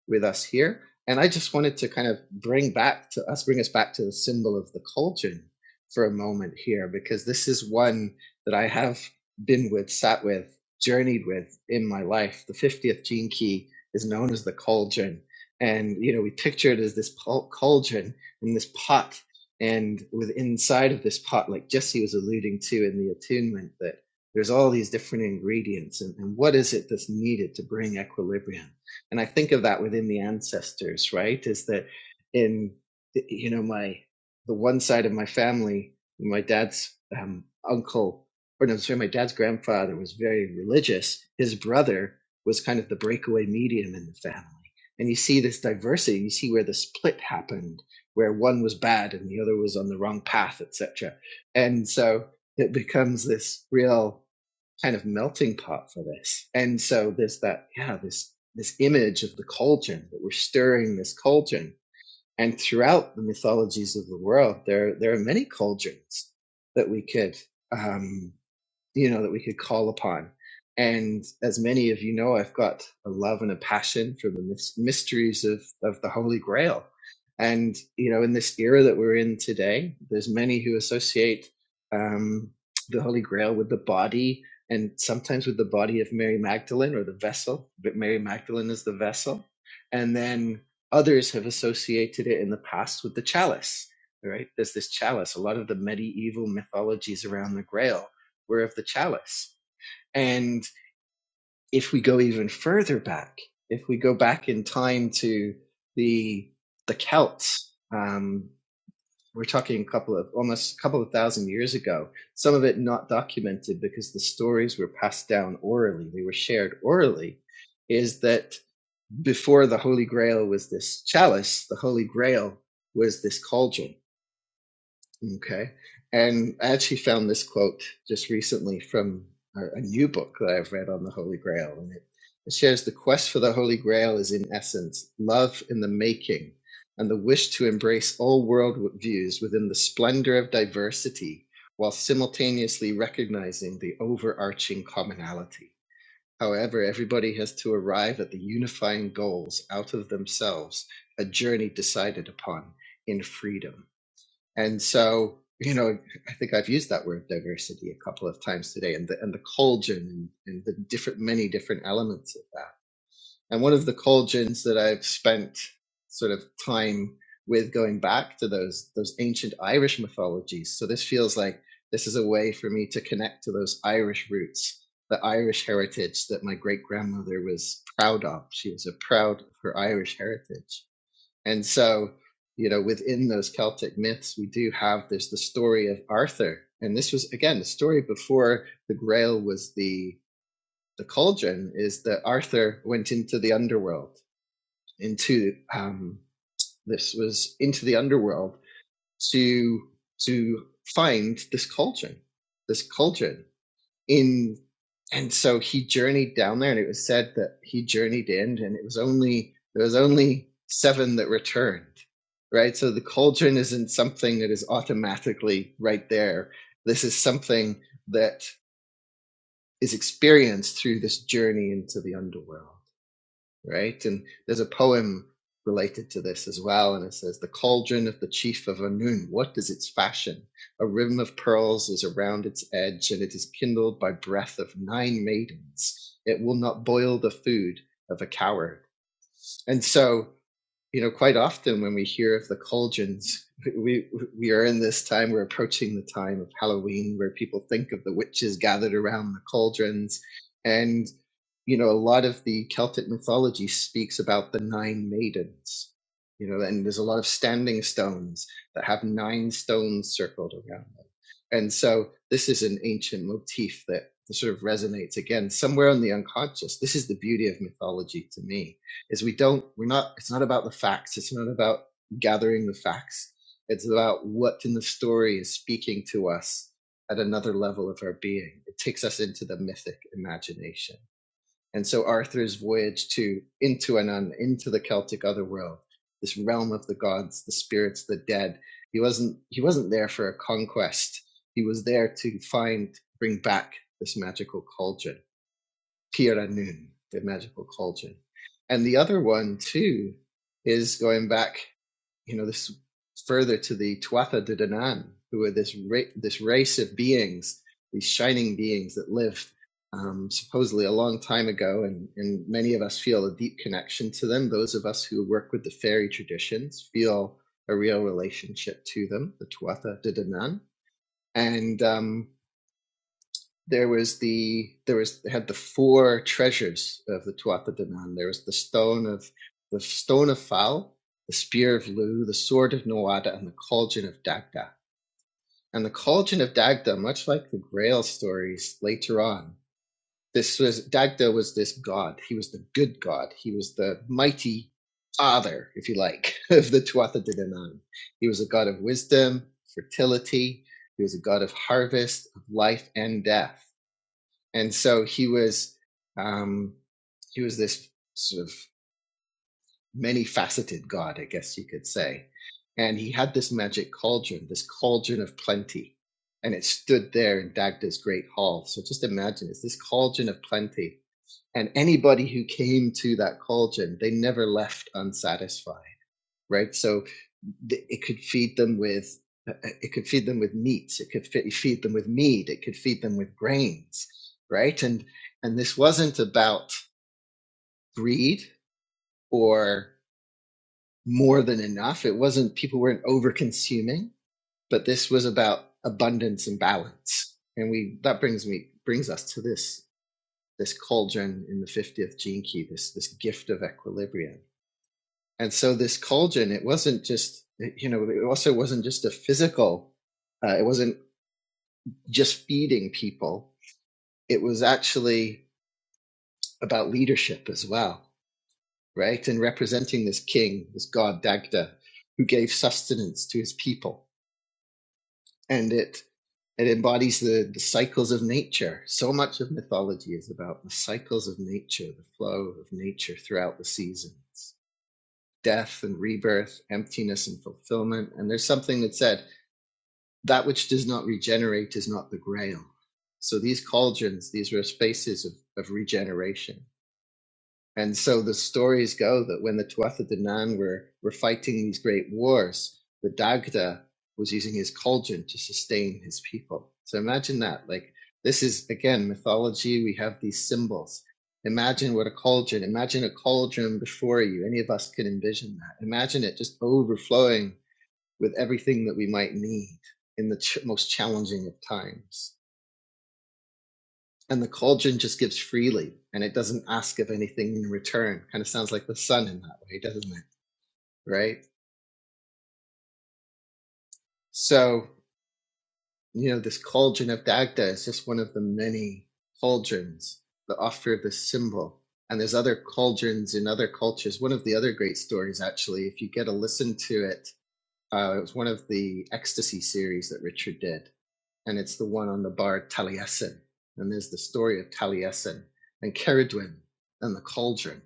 S2: with us here. And I just wanted to kind of bring back to us, bring us back to the symbol of the cauldron for a moment here, because this is one that I have been with, sat with, journeyed with in my life. The 50th gene key is known as the cauldron. And, you know, we picture it as this pul- cauldron in this pot and with inside of this pot, like Jesse was alluding to in the attunement, that there's all these different ingredients, and, and what is it that's needed to bring equilibrium? And I think of that within the ancestors, right? Is that in you know my the one side of my family, my dad's um, uncle, or no, sorry, my dad's grandfather was very religious. His brother was kind of the breakaway medium in the family, and you see this diversity. You see where the split happened where one was bad and the other was on the wrong path, etc. And so it becomes this real kind of melting pot for this. And so there's that, yeah, this this image of the cauldron that we're stirring this cauldron. And throughout the mythologies of the world, there there are many cauldrons that we could um, you know, that we could call upon. And as many of you know, I've got a love and a passion for the mysteries of, of the Holy Grail. And, you know, in this era that we're in today, there's many who associate um, the Holy Grail with the body and sometimes with the body of Mary Magdalene or the vessel, but Mary Magdalene is the vessel. And then others have associated it in the past with the chalice, right? There's this chalice. A lot of the medieval mythologies around the Grail were of the chalice. And if we go even further back, if we go back in time to the the Celts, um, we're talking a couple of almost a couple of thousand years ago. Some of it not documented because the stories were passed down orally; they were shared orally. Is that before the Holy Grail was this chalice, the Holy Grail was this cauldron, Okay. And I actually found this quote just recently from a, a new book that I've read on the Holy Grail. And it, it shares the quest for the Holy Grail is, in essence, love in the making and the wish to embrace all world views within the splendor of diversity while simultaneously recognizing the overarching commonality. However, everybody has to arrive at the unifying goals out of themselves, a journey decided upon in freedom. And so, you know, I think I've used that word diversity a couple of times today and the, and the Colgin and, and the different, many different elements of that. And one of the Colgins that I've spent sort of time with going back to those, those ancient Irish mythologies. So this feels like this is a way for me to connect to those Irish roots, the Irish heritage that my great grandmother was proud of. She was a proud of her Irish heritage and so, you know, within those Celtic myths, we do have there's the story of Arthur, and this was again the story before the Grail was the the cauldron. Is that Arthur went into the underworld, into um, this was into the underworld to to find this cauldron, this cauldron in and so he journeyed down there and it was said that he journeyed in and it was only there was only seven that returned right so the cauldron isn't something that is automatically right there this is something that is experienced through this journey into the underworld right? And there's a poem related to this as well, and it says, The cauldron of the chief of Anun, what is its fashion? A rim of pearls is around its edge, and it is kindled by breath of nine maidens. It will not boil the food of a coward. And so you know, quite often when we hear of the cauldrons, we we are in this time. We're approaching the time of Halloween, where people think of the witches gathered around the cauldrons, and you know, a lot of the Celtic mythology speaks about the nine maidens. You know, and there's a lot of standing stones that have nine stones circled around them, and so this is an ancient motif that sort of resonates again somewhere in the unconscious. This is the beauty of mythology to me is we don't we're not it's not about the facts it's not about gathering the facts it's about what in the story is speaking to us at another level of our being it takes us into the mythic imagination and so arthur's voyage to into and into the celtic otherworld this realm of the gods the spirits the dead he wasn't he wasn't there for a conquest he was there to find bring back this magical cauldron Piranun, the magical cauldron. And the other one too is going back, you know, this further to the Tuatha De Danann, who are this ra- this race of beings, these shining beings that lived um, supposedly a long time ago, and, and many of us feel a deep connection to them. Those of us who work with the fairy traditions feel a real relationship to them, the Tuatha De Danann. And um, there was the there was they had the four treasures of the Tuatha De Danann. There was the stone of the stone of Fal, the spear of Lu, the sword of Nawada, and the cauldron of Dagda. And the cauldron of Dagda, much like the Grail stories later on, this was Dagda was this god. He was the good god. He was the mighty father, if you like, of the Tuatha De Danann. He was a god of wisdom, fertility. He was a god of harvest, of life and death and so he was um, he was this sort of many faceted god, I guess you could say, and he had this magic cauldron, this cauldron of plenty, and it stood there in Dagda's great hall. So just imagine it's this cauldron of plenty, and anybody who came to that cauldron, they never left unsatisfied, right? So it could feed them with uh, uh, it could feed them with meats it could feed them with meat it could feed them with grains right and and this wasn't about greed or more than enough it wasn't people weren't over consuming but this was about abundance and balance and we that brings me brings us to this this cauldron in the 50th gene key this this gift of equilibrium and so this cauldron it wasn't just you know it also wasn't just a physical uh, it wasn't just feeding people. It was actually about leadership as well, right? And representing this king, this god Dagda, who gave sustenance to his people. And it it embodies the, the cycles of nature. So much of mythology is about the cycles of nature, the flow of nature throughout the seasons, death and rebirth, emptiness and fulfillment. And there's something that said, that which does not regenerate is not the grail. So these cauldrons, these were spaces of, of regeneration And so the stories go that when the Tuatha De Nan were, were fighting these great wars, the Dagda was using his cauldron to sustain his people. So imagine that. Like, this is, again, mythology. We have these symbols. Imagine what a cauldron, imagine a cauldron before you. Any of us can envision that. Imagine it just overflowing with everything that we might need in the ch- most challenging of times and the cauldron just gives freely and it doesn't ask of anything in return. Kind of sounds like the sun in that way, doesn't it? Right? So, you know, this cauldron of Dagda is just one of the many cauldrons that offer this symbol. And there's other cauldrons in other cultures. One of the other great stories, actually, if you get a listen to it, uh, it was one of the ecstasy series that Richard did and it's the one on the bar Taliesin. And there's the story of Taliesin and Ceridwen and the cauldron,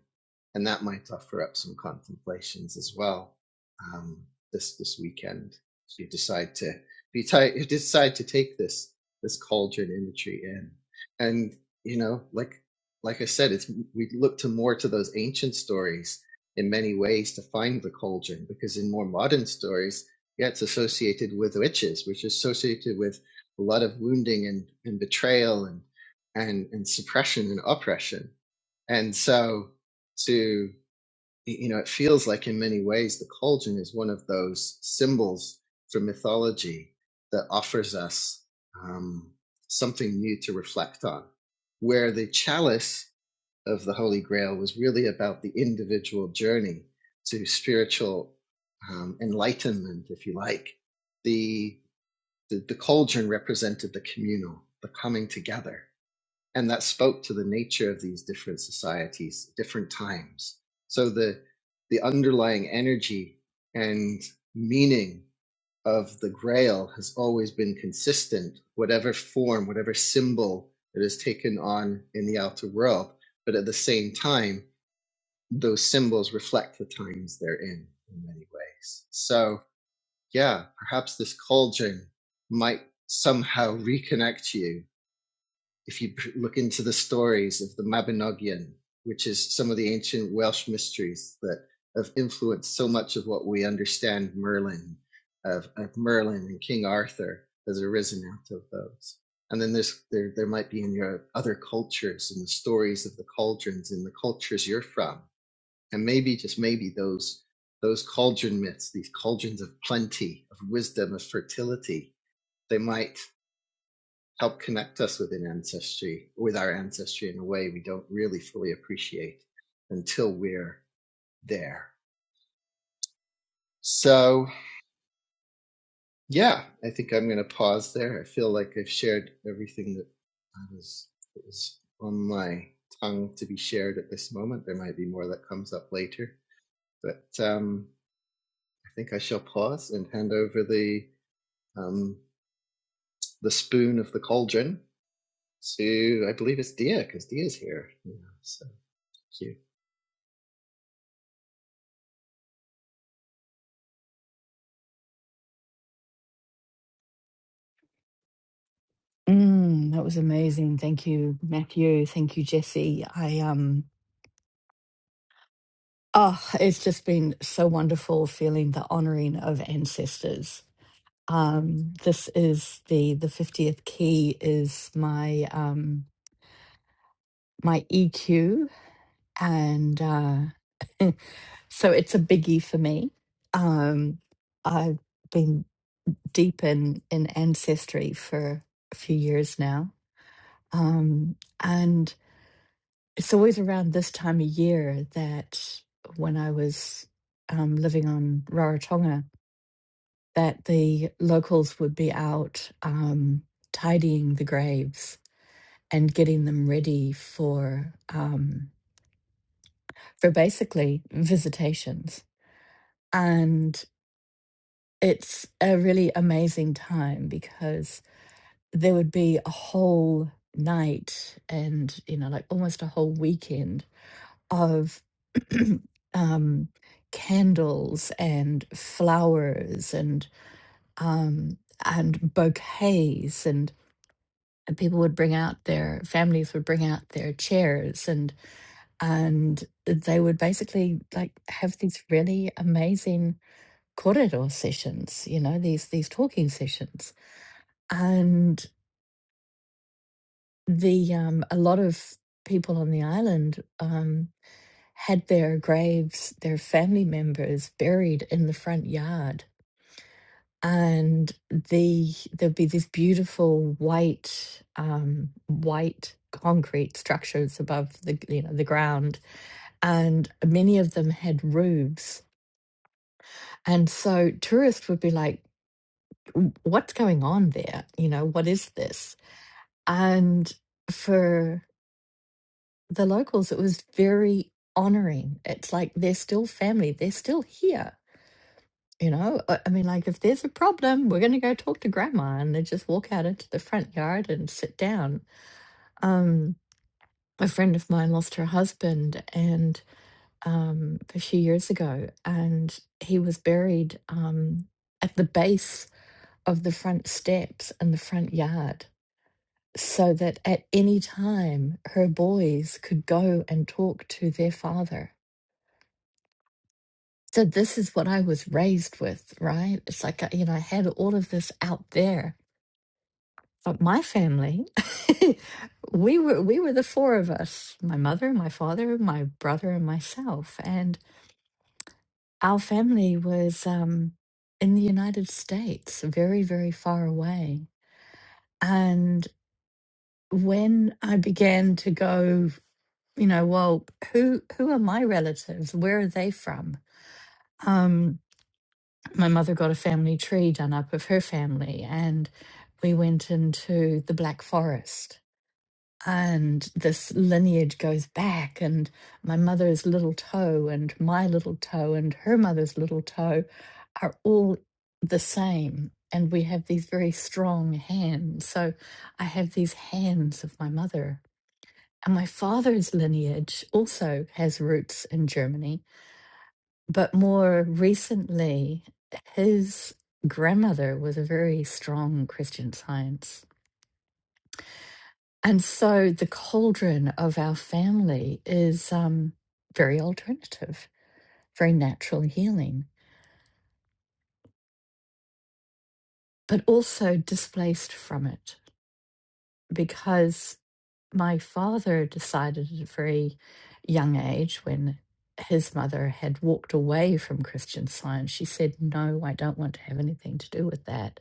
S2: and that might offer up some contemplations as well um, this this weekend. If you decide to if you, you decide to take this this cauldron imagery in, and you know, like like I said, it's we look to more to those ancient stories in many ways to find the cauldron because in more modern stories, yeah, it's associated with witches, which is associated with a lot of wounding and, and betrayal and, and and suppression and oppression. And so to you know, it feels like in many ways the cauldron is one of those symbols from mythology that offers us um, something new to reflect on. Where the chalice of the Holy Grail was really about the individual journey to spiritual um, enlightenment, if you like. the. The, the cauldron represented the communal, the coming together, and that spoke to the nature of these different societies, different times. So the the underlying energy and meaning of the Grail has always been consistent, whatever form, whatever symbol it has taken on in the outer world. But at the same time, those symbols reflect the times they're in in many ways. So yeah, perhaps this cauldron might somehow reconnect you if you look into the stories of the Mabinogion, which is some of the ancient Welsh mysteries that have influenced so much of what we understand Merlin, of, of Merlin and King Arthur has arisen out of those. And then there's, there, there might be in your other cultures and the stories of the cauldrons in the cultures you're from and maybe, just maybe, those those cauldron myths, these cauldrons of plenty, of wisdom, of fertility, they might help connect us with an ancestry, with our ancestry in a way we don't really fully appreciate until we're there. So yeah, I think I'm going to pause there. I feel like I've shared everything that I was that was on my tongue to be shared at this moment. There might be more that comes up later, but um, I think I shall pause and hand over the um, the spoon of the cauldron to, I believe it's Dia, because Dia's here. Yeah, so thank you.
S3: Mm, that was amazing. Thank you, Matthew. Thank you, Jesse. I um oh, it's just been so wonderful feeling the honoring of ancestors. Um, this is the the 50th key is my um my EQ and uh so it's a biggie for me. Um I've been deep in in ancestry for a few years now. Um and It's always around this time of year that when I was um, living on Rarotonga, that the locals would be out um, tidying the graves and getting them ready for um, for basically visitations. And it's a really amazing time because there would be a whole night and you know like almost a whole weekend of um, candles and flowers and um, and bouquets and, and people would bring out their families would bring out their chairs and and they would basically like have these really amazing corridor sessions you know these these talking sessions and the um, a lot of people on the island um, had their graves, their family members buried in the front yard. And the there'd be these beautiful white, um, white concrete structures above the you know the ground, and many of them had roofs. And so tourists would be like, "W- "What's going on there? You know, what is this?" And for the locals, it was very honoring. It's like they're still family. They're still here You know, I I mean, like if there's a problem, we're going to go talk to grandma, and they just walk out into the front yard and sit down. Um, a friend of mine lost her husband, and um, a few years ago, and he was buried um, at the base of the front steps in the front yard, so that at any time her boys could go and talk to their father. So this is what I was raised with, right? It's like uh, you know, I had all of this out there But my family, we were we were the four of us: my mother, my father, my brother, and myself. And our family was um, in the United States, very very far away. And when I began to go, you know, well, who who are my relatives? Where are they from? Um, my mother got a family tree done up of her family, and we went into the Black Forest and this lineage goes back and my mother's little toe and my little toe and her mother's little toe are all the same and we have these very strong hands so i have these hands of my mother and my father's lineage also has roots in germany but more recently his grandmother was a very strong christian science And so the cauldron of our family is um, very alternative, very natural healing, but also displaced from it because my father decided at a very young age when his mother had walked away from Christian science, she said, No, I don't want to have anything to do with that.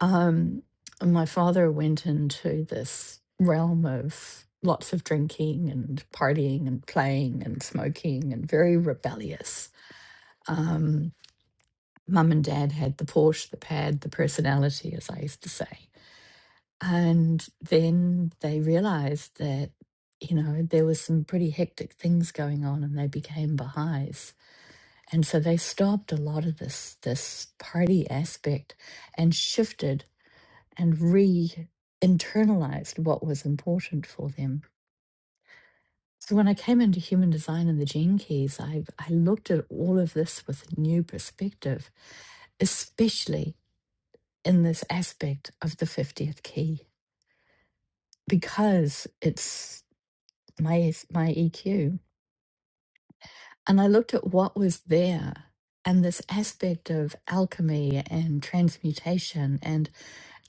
S3: Um, my father went into this realm of lots of drinking and partying and playing and smoking and very rebellious. Um, Mum and dad had the Porsche, the pad, the personality, as I used to say. And then they realized that, you know, there was some pretty hectic things going on and they became Baha'is. And so they stopped a lot of this this party aspect and shifted and re internalized what was important for them. So when I came into human design and the gene keys, I, I looked at all of this with a new perspective, especially in this aspect of the 50th key, because it's my, my EQ. And I looked at what was there and this aspect of alchemy and transmutation and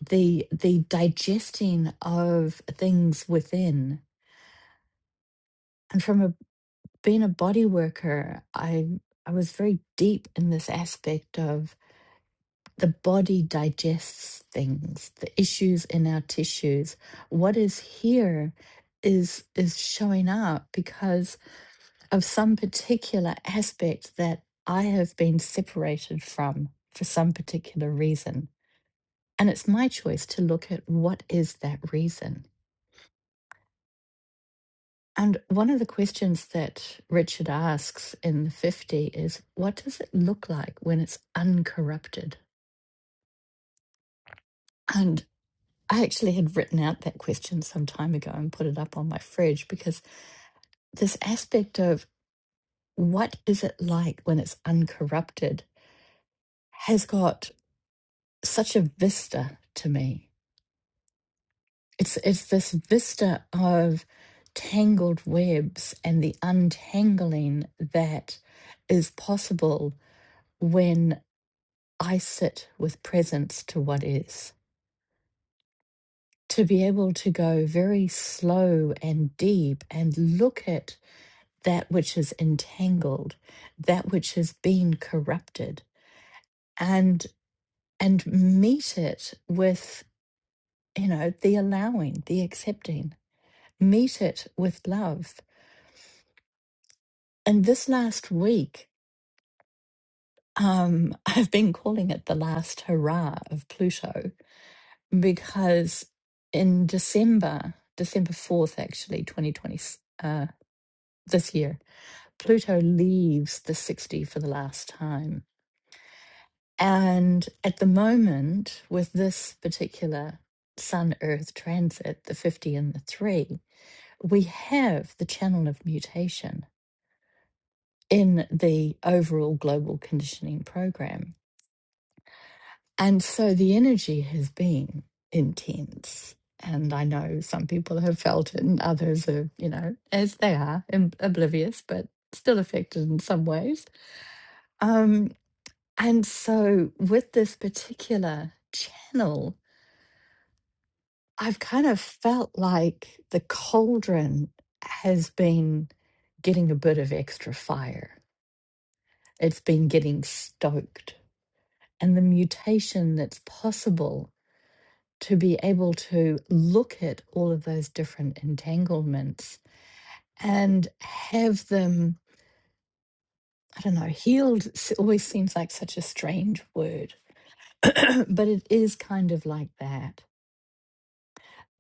S3: the the digesting of things within and from a being a body worker, I I was very deep in this aspect of the body digests things, the issues in our tissues. What is here is is showing up because of some particular aspect that I have been separated from for some particular reason. And it's my choice to look at what is that reason And one of the questions that Richard asks in the 50 is, what does it look like when it's uncorrupted? And I actually had written out that question some time ago and put it up on my fridge because this aspect of what is it like when it's uncorrupted has got such a vista to me. It's, it's this vista of tangled webs and the untangling that is possible when. I sit with presence to what is. To be able to go very slow and deep and look at that which is entangled, that which has been corrupted, and and meet it with, you know, the allowing, the accepting, meet it with love. And this last week, um, I've been calling it the last hurrah of Pluto because in December, December 4th, actually, 2020, uh, this year, Pluto leaves the 60 for the last time. And at the moment, with this particular Sun Earth transit, the 50 and the 3, we have the channel of mutation in the overall global conditioning program And so the energy has been intense. And I know some people have felt it, and others are, you know, as they are, im- oblivious, but still affected in some ways. Um, and so with this particular channel, I've kind of felt like the cauldron has been getting a bit of extra fire. It's been getting stoked. And the mutation that's possible to be able to look at all of those different entanglements and have them, I don't know, healed s- always seems like such a strange word, but it is kind of like that.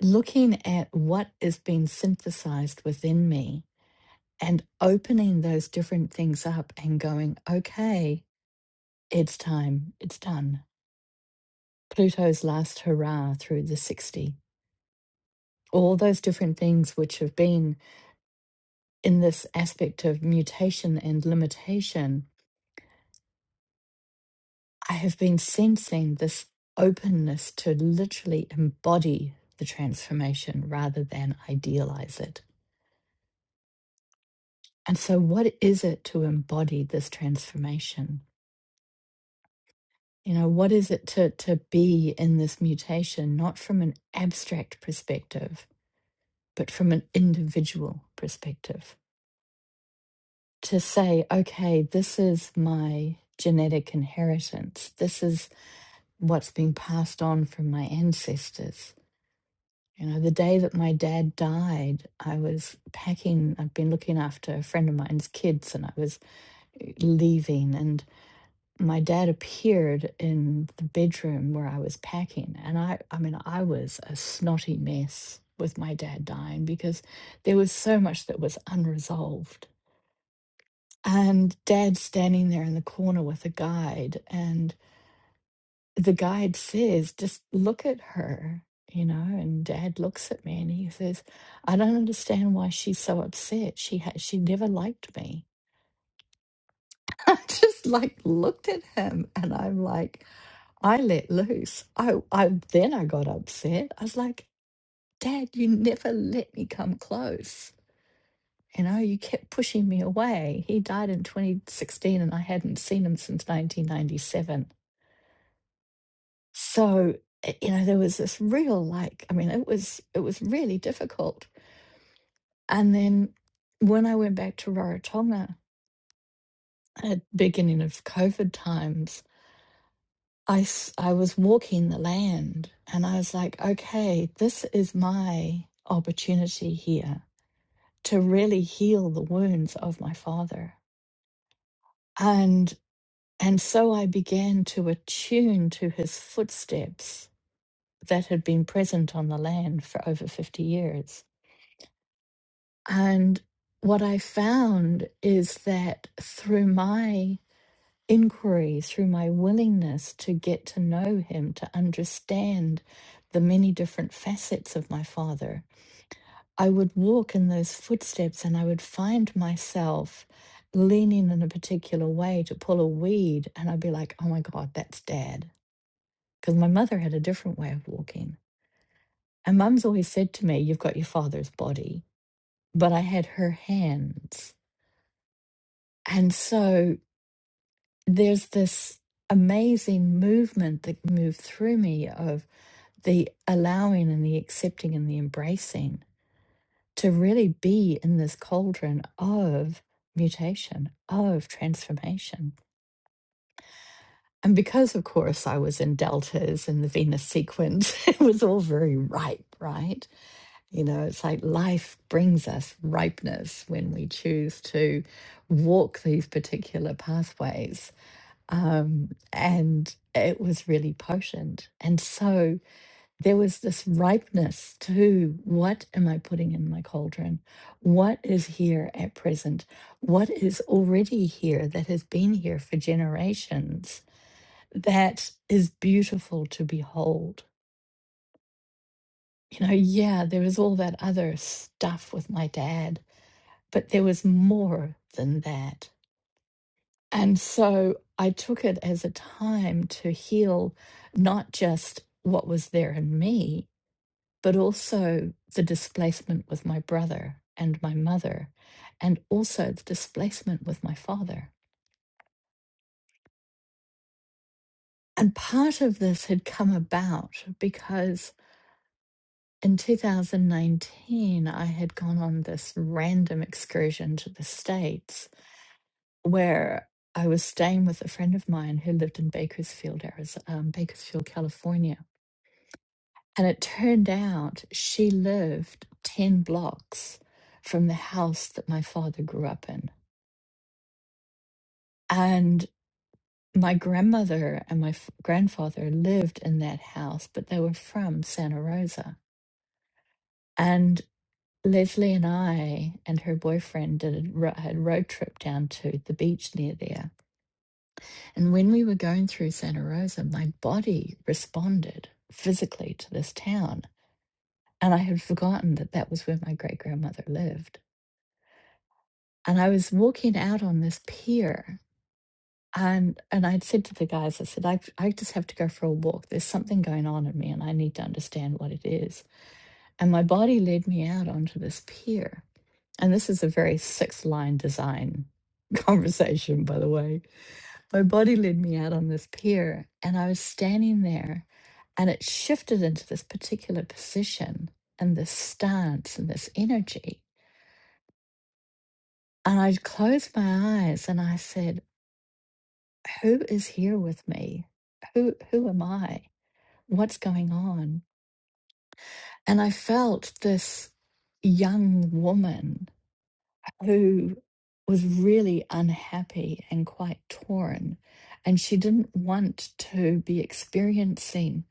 S3: Looking at what is being synthesized within me and opening those different things up and going, okay, it's time, it's done. Pluto's last hurrah through the 60. All those different things which have been in this aspect of mutation and limitation, I have been sensing this openness to literally embody the transformation rather than idealize it. And so, what is it to embody this transformation? You know, what is it to, to be in this mutation, not from an abstract perspective, but from an individual perspective? To say, okay, this is my genetic inheritance. This is what's been passed on from my ancestors. You know, the day that my dad died, I was packing, I'd been looking after a friend of mine's kids and I was uh, leaving and my dad appeared in the bedroom where I was packing and I I mean I was a snotty mess with my dad dying because there was so much that was unresolved. And dad standing there in the corner with a guide and. the guide says, just look at her, you know, and dad looks at me and he says, I don't understand why she's so upset. She ha- she never liked me. I just like looked at him and I'm like, I let loose. I, I then I got upset. I was like, Dad, you never let me come close. You know, you kept pushing me away. He died in 2016 and I hadn't seen him since 1997 so uh, you know there was this real like i mean it was it was really difficult and then when i went back to rarotonga at beginning of covid times i s- i was walking the land and i was like okay this is my opportunity here to really heal the wounds of my father and and so i began to attune to his footsteps that had been present on the land for over 50 years And what I found is that through my inquiry, through my willingness to get to know him, to understand the many different facets of my father, I would walk in those footsteps and I would find myself leaning in a particular way to pull a weed. And I'd be like, oh my God, that's dad. Because my mother had a different way of walking. And mum's always said to me, you've got your father's body, but I had her hands And so there's this amazing movement that moved through me of the allowing and the accepting and the embracing to really be in this cauldron of mutation, of transformation. And because, of course, I was in deltas and the Venus sequence, it was all very ripe, right? You know, it's like life brings us ripeness when we choose to walk these particular pathways. um, and it was really potent. And so there was this ripeness to what am I putting in my cauldron? What is here at present? What is already here that has been here for generations that is beautiful to behold? You know, yeah, there was all that other stuff with my dad, but there was more than that And so I took it as a time to heal not just what was there in me, but also the displacement with my brother and my mother, and also the displacement with my father. And part of this had come about because in 2019, I had gone on this random excursion to the States where I was staying with a friend of mine who lived in Bakersfield, Arizona, um, Bakersfield, California And it turned out she lived 10 blocks from the house that my father grew up in. And my grandmother and my f- grandfather lived in that house, but they were from Santa Rosa. And Leslie and I and her boyfriend did a ro- had a road trip down to the beach near there. And when we were going through Santa Rosa, my body responded physically to this town. And I had forgotten that that was where my great grandmother lived. and I was walking out on this pier and and I'd said to the guys, I said, I, I just have to go for a walk. There's something going on in me and I need to understand what it is. And my body led me out onto this pier. And this is a very six line design conversation, by the way. My body led me out on this pier and I was standing there and it shifted into this particular position and this stance and this energy. And I closed my eyes and I said, who is here with me? Who who am I? What's going on? And I felt this young woman who was really unhappy and quite torn and she didn't want to be experiencing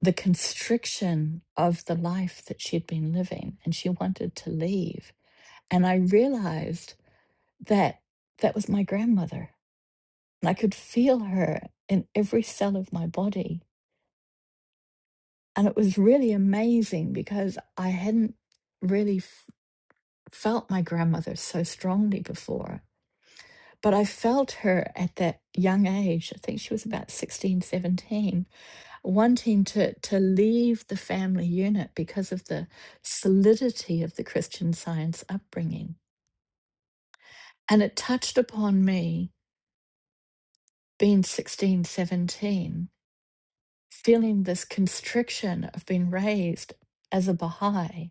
S3: the constriction of the life that she had been living and she wanted to leave and i realized that that was my grandmother and i could feel her in every cell of my body And it was really amazing because I hadn't really f- felt my grandmother so strongly before. But I felt her at that young age, I think she was about 16, 17, wanting to, to leave the family unit because of the solidity of the Christian science upbringing. And it touched upon me being 16, 17, feeling this constriction of being raised as a Baha'i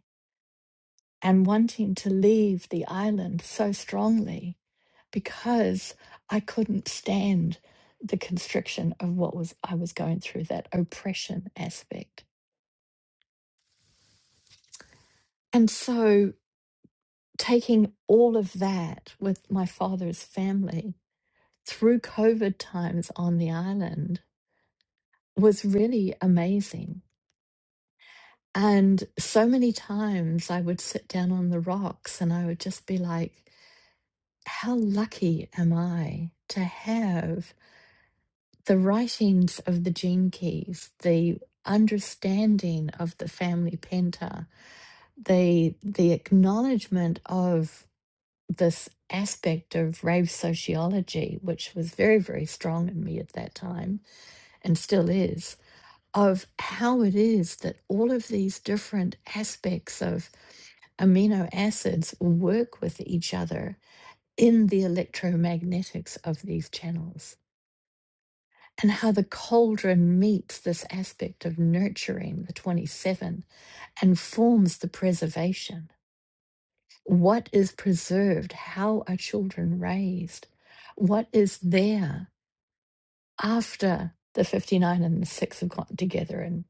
S3: and wanting to leave the island so strongly because I couldn't stand the constriction of what was I was going through that oppression aspect. And so taking all of that with my father's family through covid times on the island was really amazing. And so many times I would sit down on the rocks and I would just be like, how lucky am I to have the writings of the gene keys, the understanding of the family penta, the the acknowledgement of this aspect of rave sociology, which was very, very strong in me at that time and still is, of how it is that all of these different aspects of amino acids work with each other in the electromagnetics of these channels and how the cauldron meets this aspect of nurturing the 27 and forms the preservation. What is preserved? How are children raised? What is there after the 59 and the 6 have gotten together and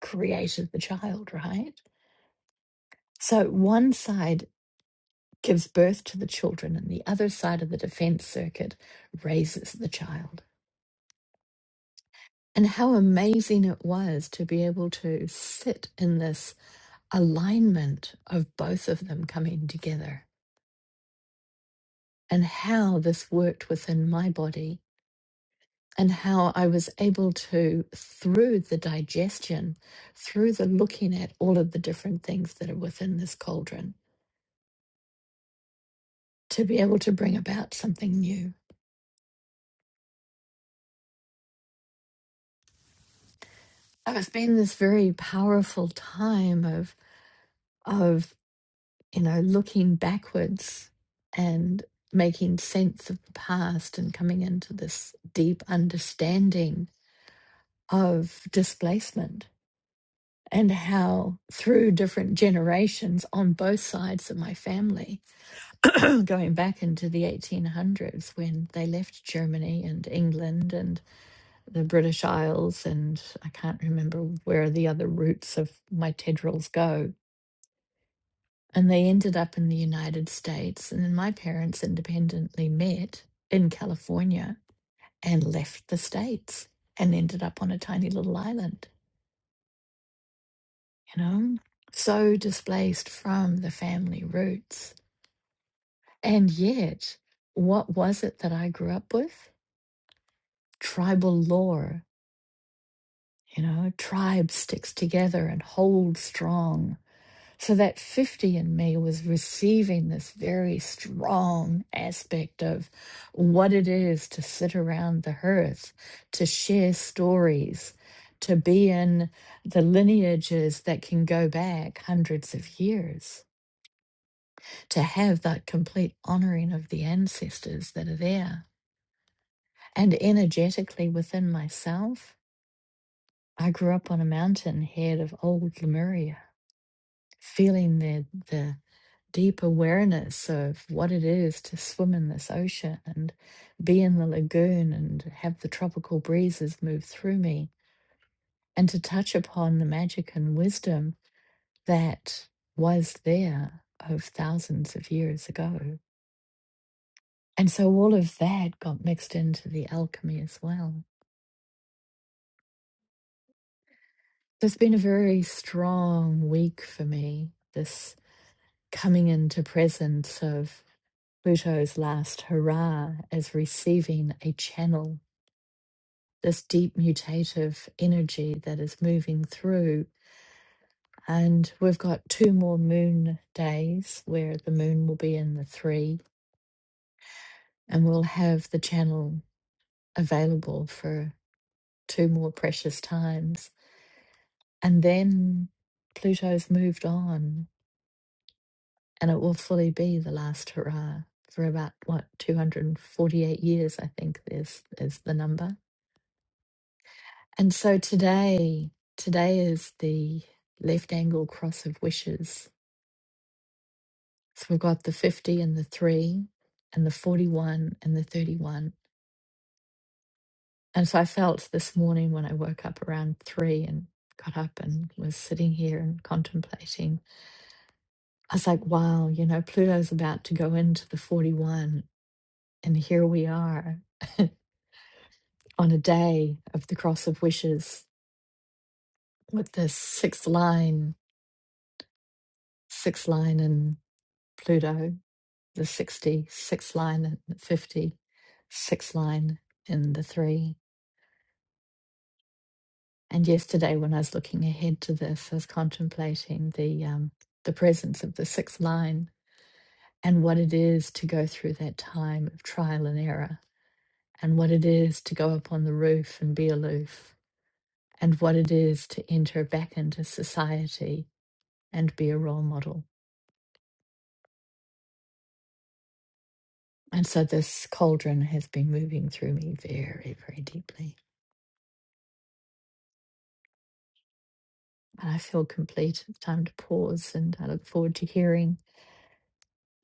S3: created the child, right? So one side gives birth to the children, and the other side of the defense circuit raises the child. And how amazing it was to be able to sit in this alignment of both of them coming together and how this worked within my body and how I was able to, through the digestion, through the looking at all of the different things that are within this cauldron, to be able to bring about something new. So it's been this very powerful time of, of you know, looking backwards and making sense of the past and coming into this deep understanding of displacement and how through different generations on both sides of my family going back into the 1800s when they left germany and england and the british isles and i can't remember where the other roots of my tendrils go and they ended up in the united states and then my parents independently met in california and left the states and ended up on a tiny little island you know, so displaced from the family roots. And yet, what was it that I grew up with? Tribal lore, you know, tribe sticks together and hold strong. So that 50 in me was receiving this very strong aspect of what it is to sit around the hearth, to share stories, to be in the lineages that can go back hundreds of years to have that complete honoring of the ancestors that are there. And energetically within myself, I grew up on a mountain head of old Lemuria, feeling the, the deep awareness of what it is to swim in this ocean and be in the lagoon and have the tropical breezes move through me and to touch upon the magic and wisdom that was there of thousands of years ago. And so all of that got mixed into the alchemy as well. So it's been a very strong week for me, this coming into presence of Pluto's last hurrah as receiving a channel, this deep mutative energy that is moving through. And we've got two more moon days where the moon will be in the three, and we'll have the channel available for two more precious times. And then Pluto's moved on, and it will fully be the last hurrah for about what 248 years, I think is is the number. And so today, today is the left angle cross of wishes. So we've got the 50 and the three, and the 41 and the 31. And so I felt this morning when I woke up around three and got up and was sitting here and contemplating I was like, wow, you know, Pluto's about to go into the 41, and here we are on a day of the cross of wishes with this sixth line, sixth line in Pluto, the 60, sixth line in the 50, sixth line in the three. And yesterday, when I was looking ahead to this, I was contemplating the um, the presence of the sixth line and what it is to go through that time of trial and error and what it is to go up on the roof and be aloof, and what it is to enter back into society and be a role model. And so this cauldron has been moving through me very, very deeply. And I feel complete. It's time to pause, and I look forward to hearing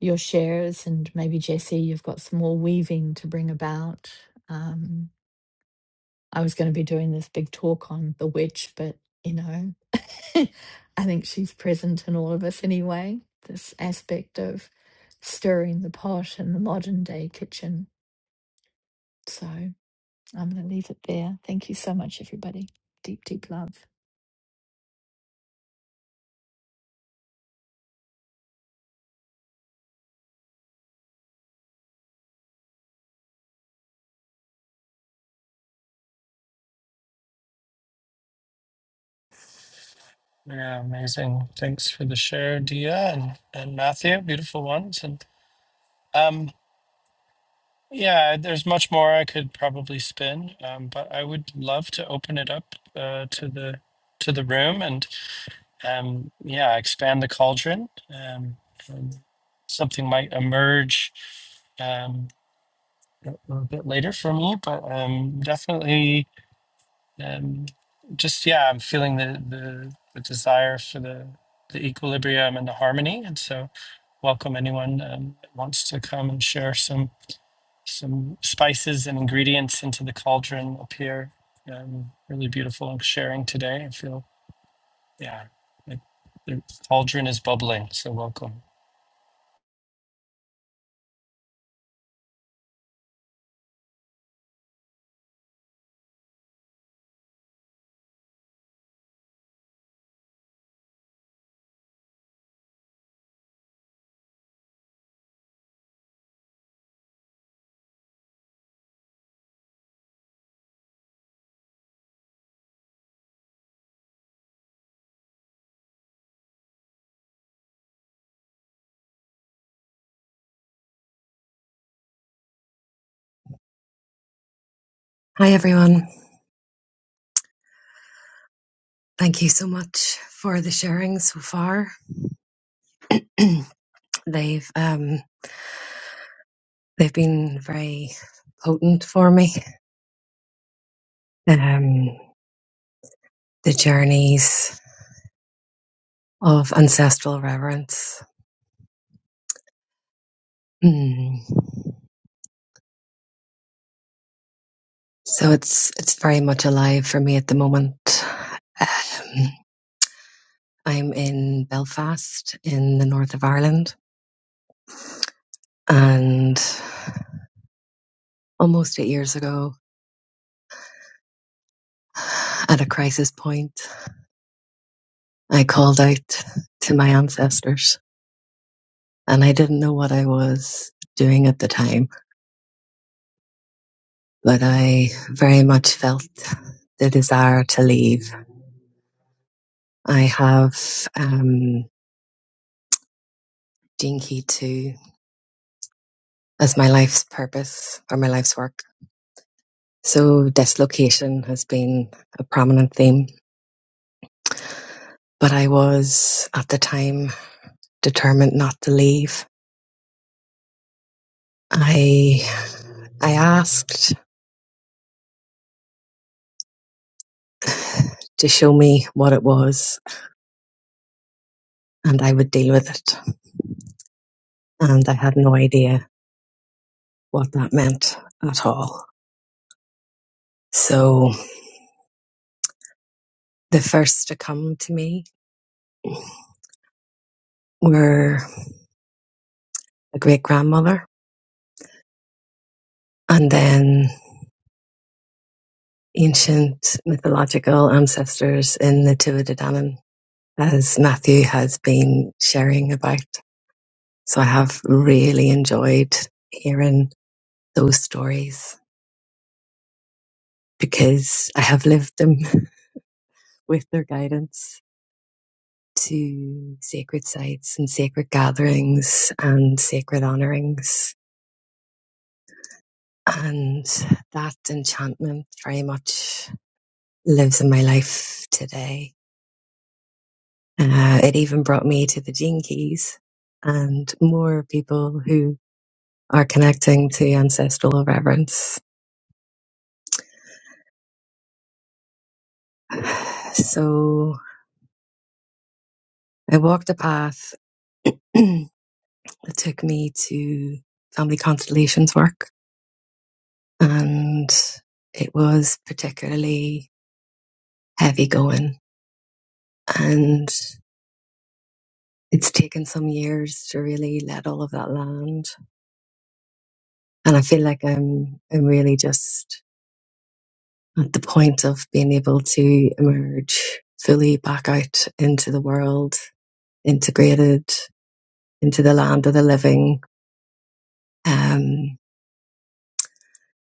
S3: your shares. And maybe, Jesse, you've got some more weaving to bring about. Um, I was going to be doing this big talk on the witch, but you know, I think she's present in all of us anyway. This aspect of stirring the pot in the modern day kitchen. So I'm going to leave it there. Thank you so much, everybody. Deep, deep love.
S1: Yeah, amazing. Thanks for the share, Dia and, and Matthew. Beautiful ones. And um, yeah, there's much more I could probably spin, um, but I would love to open it up uh, to the to the room and um, yeah, expand the cauldron. Um, and something might emerge um, a a bit later for me, but um, definitely um, just yeah, I'm feeling the the, the desire for the the equilibrium and the harmony, and so. welcome anyone um, that wants to come and share some some spices and ingredients into the cauldron up here. Um, really beautiful sharing today. I feel yeah, like the cauldron is bubbling. So welcome.
S4: Hi, everyone. Thank you so much for the sharing so far. they've um, they've been very potent for me. Um, the journeys of ancestral reverence. Mm. So it's it's very much alive for me at the moment. Um, I'm in Belfast in the north of Ireland, and almost eight years ago, at a crisis point. I called out to my ancestors and I didn't know what I was doing at the time, but I very much felt the desire to leave. I have um, Gene Key 2 as my life's purpose or my life's work. So dislocation has been a prominent theme, but I was at the time determined not to leave. I I asked to show me what it was and I would deal with it. and I had no idea what that meant at all. So the first to come to me were a great grandmother and then ancient mythological ancestors in the Tuatha De Danann, as Matthew has been sharing about. So I have really enjoyed hearing those stories because I have lived them with their guidance to sacred sites and sacred gatherings and sacred honorings. And that enchantment very much lives in my life today. Uh, it even brought me to the Gene Keys and more people who are connecting to ancestral reverence. So I walked a path that took me to family constellations work and it was particularly heavy going. And it's taken some years to really let all of that land. And I feel like I'm, I'm really just at the point of being able to emerge fully back out into the world, integrated into the land of the living. Um,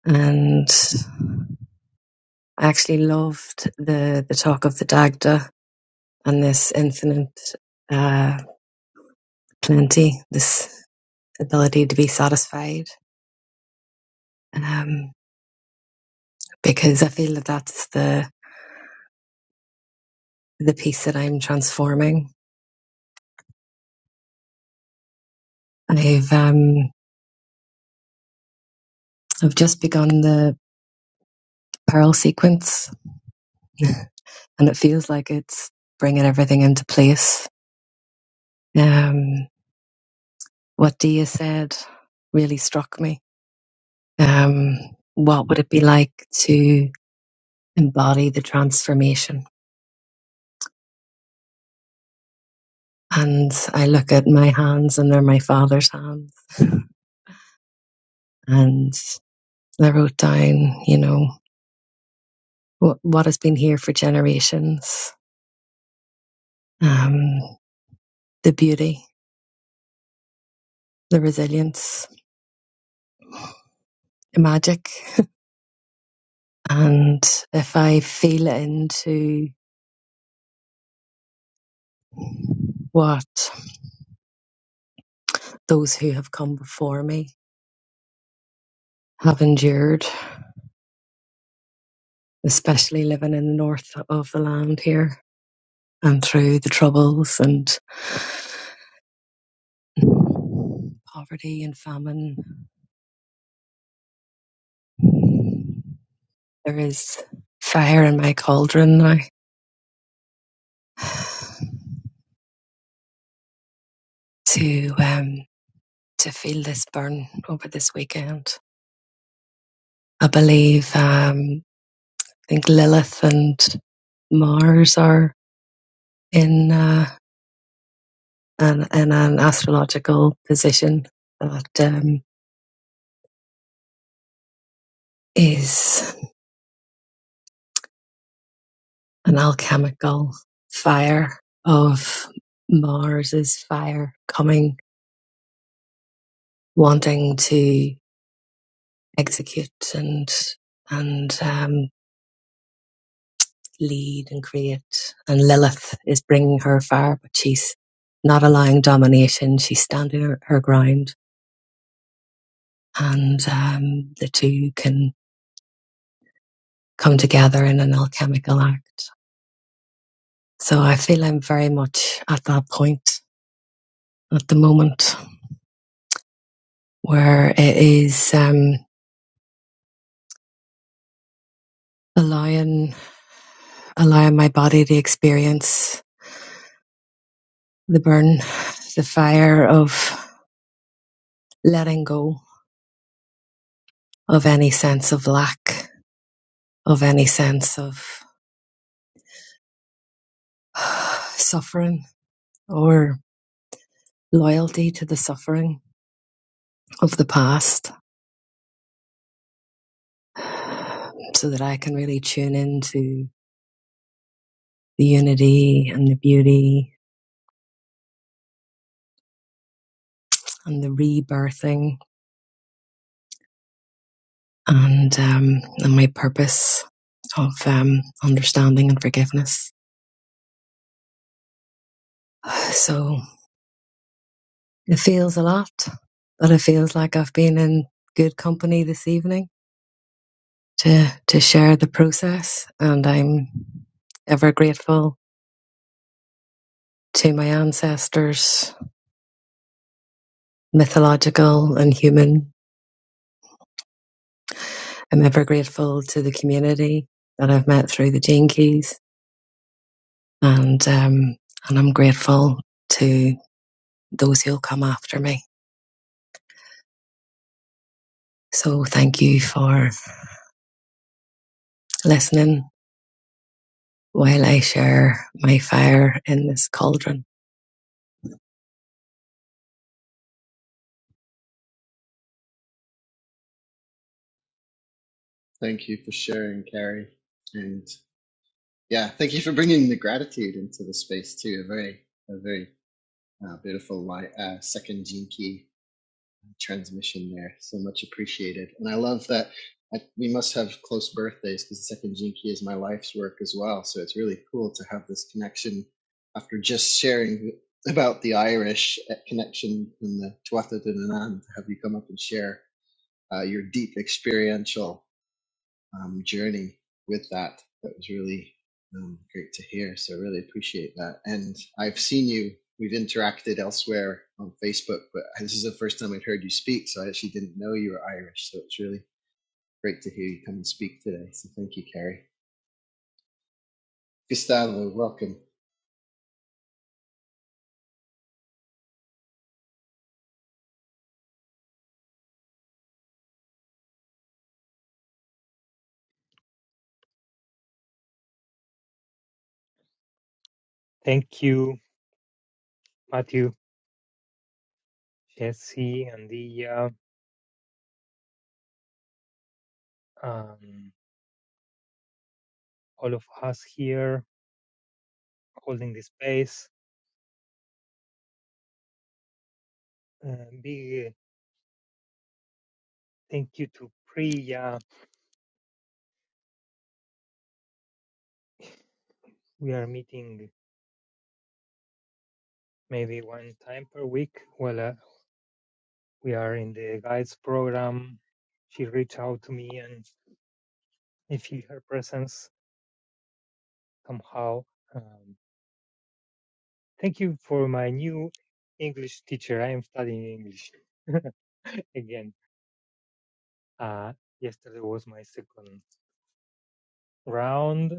S4: and I actually loved the, the talk of the Dagda and this infinite, uh, plenty, this ability to be satisfied. Um, because I feel that that's the the piece that I'm transforming. I've um I've just begun the pearl sequence, and it feels like it's bringing everything into place. Um, what Dia said really struck me. Um, what would it be like to embody the transformation? And I look at my hands, and they're my father's hands. And I wrote down, you know, what, what has been here for generations um, the beauty, the resilience, the magic. And if I feel into what those who have come before me have endured, especially living in the north of the land here and through the troubles and poverty and famine, there is fire in my cauldron now to um, to feel this burn over this weekend. I believe um, I think Lilith and Mars are in uh, an, in an astrological position that um, is an alchemical fire of Mars's fire coming, wanting to execute and and um, lead and create, and Lilith is bringing her fire, but she's not allowing domination. She's standing her, her ground and um, the two can come together in an alchemical act. So I feel I'm very much at that point at the moment where it is um, allowing allowing my body to experience the burn, the fire of letting go of any sense of lack, of any sense of suffering or loyalty to the suffering of the past so that I can really tune into the unity and the beauty and the rebirthing and um, and my purpose of um, understanding and forgiveness. So it feels a lot, but it feels like I've been in good company this evening to to share the process, and I'm ever grateful to my ancestors, mythological and human. I'm ever grateful to the community that I've met through the Gene Keys. and um, and I'm grateful to those who'll come after me. So thank you for listening while I share my fire in this cauldron.
S2: Thank you for sharing, Carrie. And yeah, thank you for bringing the gratitude into the space too. A very, a very uh, beautiful light, uh, second gene key transmission there. So much appreciated. And I love that I, we must have close birthdays because the second Jinky is my life's work as well. So it's really cool to have this connection after just sharing about the Irish uh, connection in the Tuatha De Danann, to have you come up and share uh, your deep experiential um, journey with that. That was really um, great to hear. So really appreciate that. And I've seen you. We've interacted elsewhere on Facebook, but this is the first time I've heard you speak. So I actually didn't know you were Irish. So it's really great to hear you come and speak today. So thank you, Kerry. Gustavo, welcome.
S5: Thank you, Matthew, Jesse, and the um, all of us here holding the space. Uh, big thank you to Priya. We are meeting maybe one time per week. Well, uh, we are in the guides program. She reached out to me, and I feel her presence somehow. Um, thank you for my new English teacher. I am studying English again. Uh, yesterday was my second. round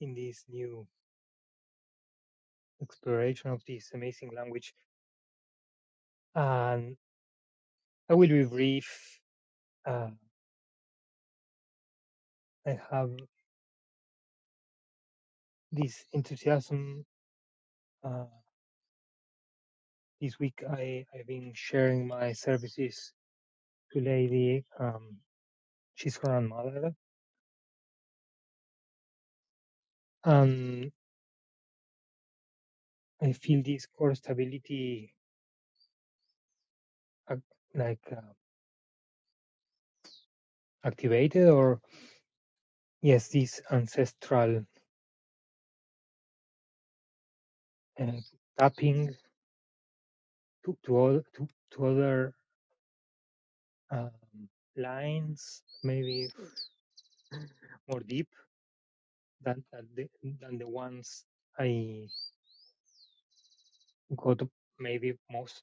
S5: in this new exploration of this amazing language. And I will be brief. Uh, I have this enthusiasm. Uh, this week, I, I've been sharing my services to Lady. Um, she's her grandmother. And I feel this core stability ac- like uh, activated, or yes, this ancestral uh, tapping to, to, all, to, to other um, lines, maybe more deep than than the, than the ones I got maybe most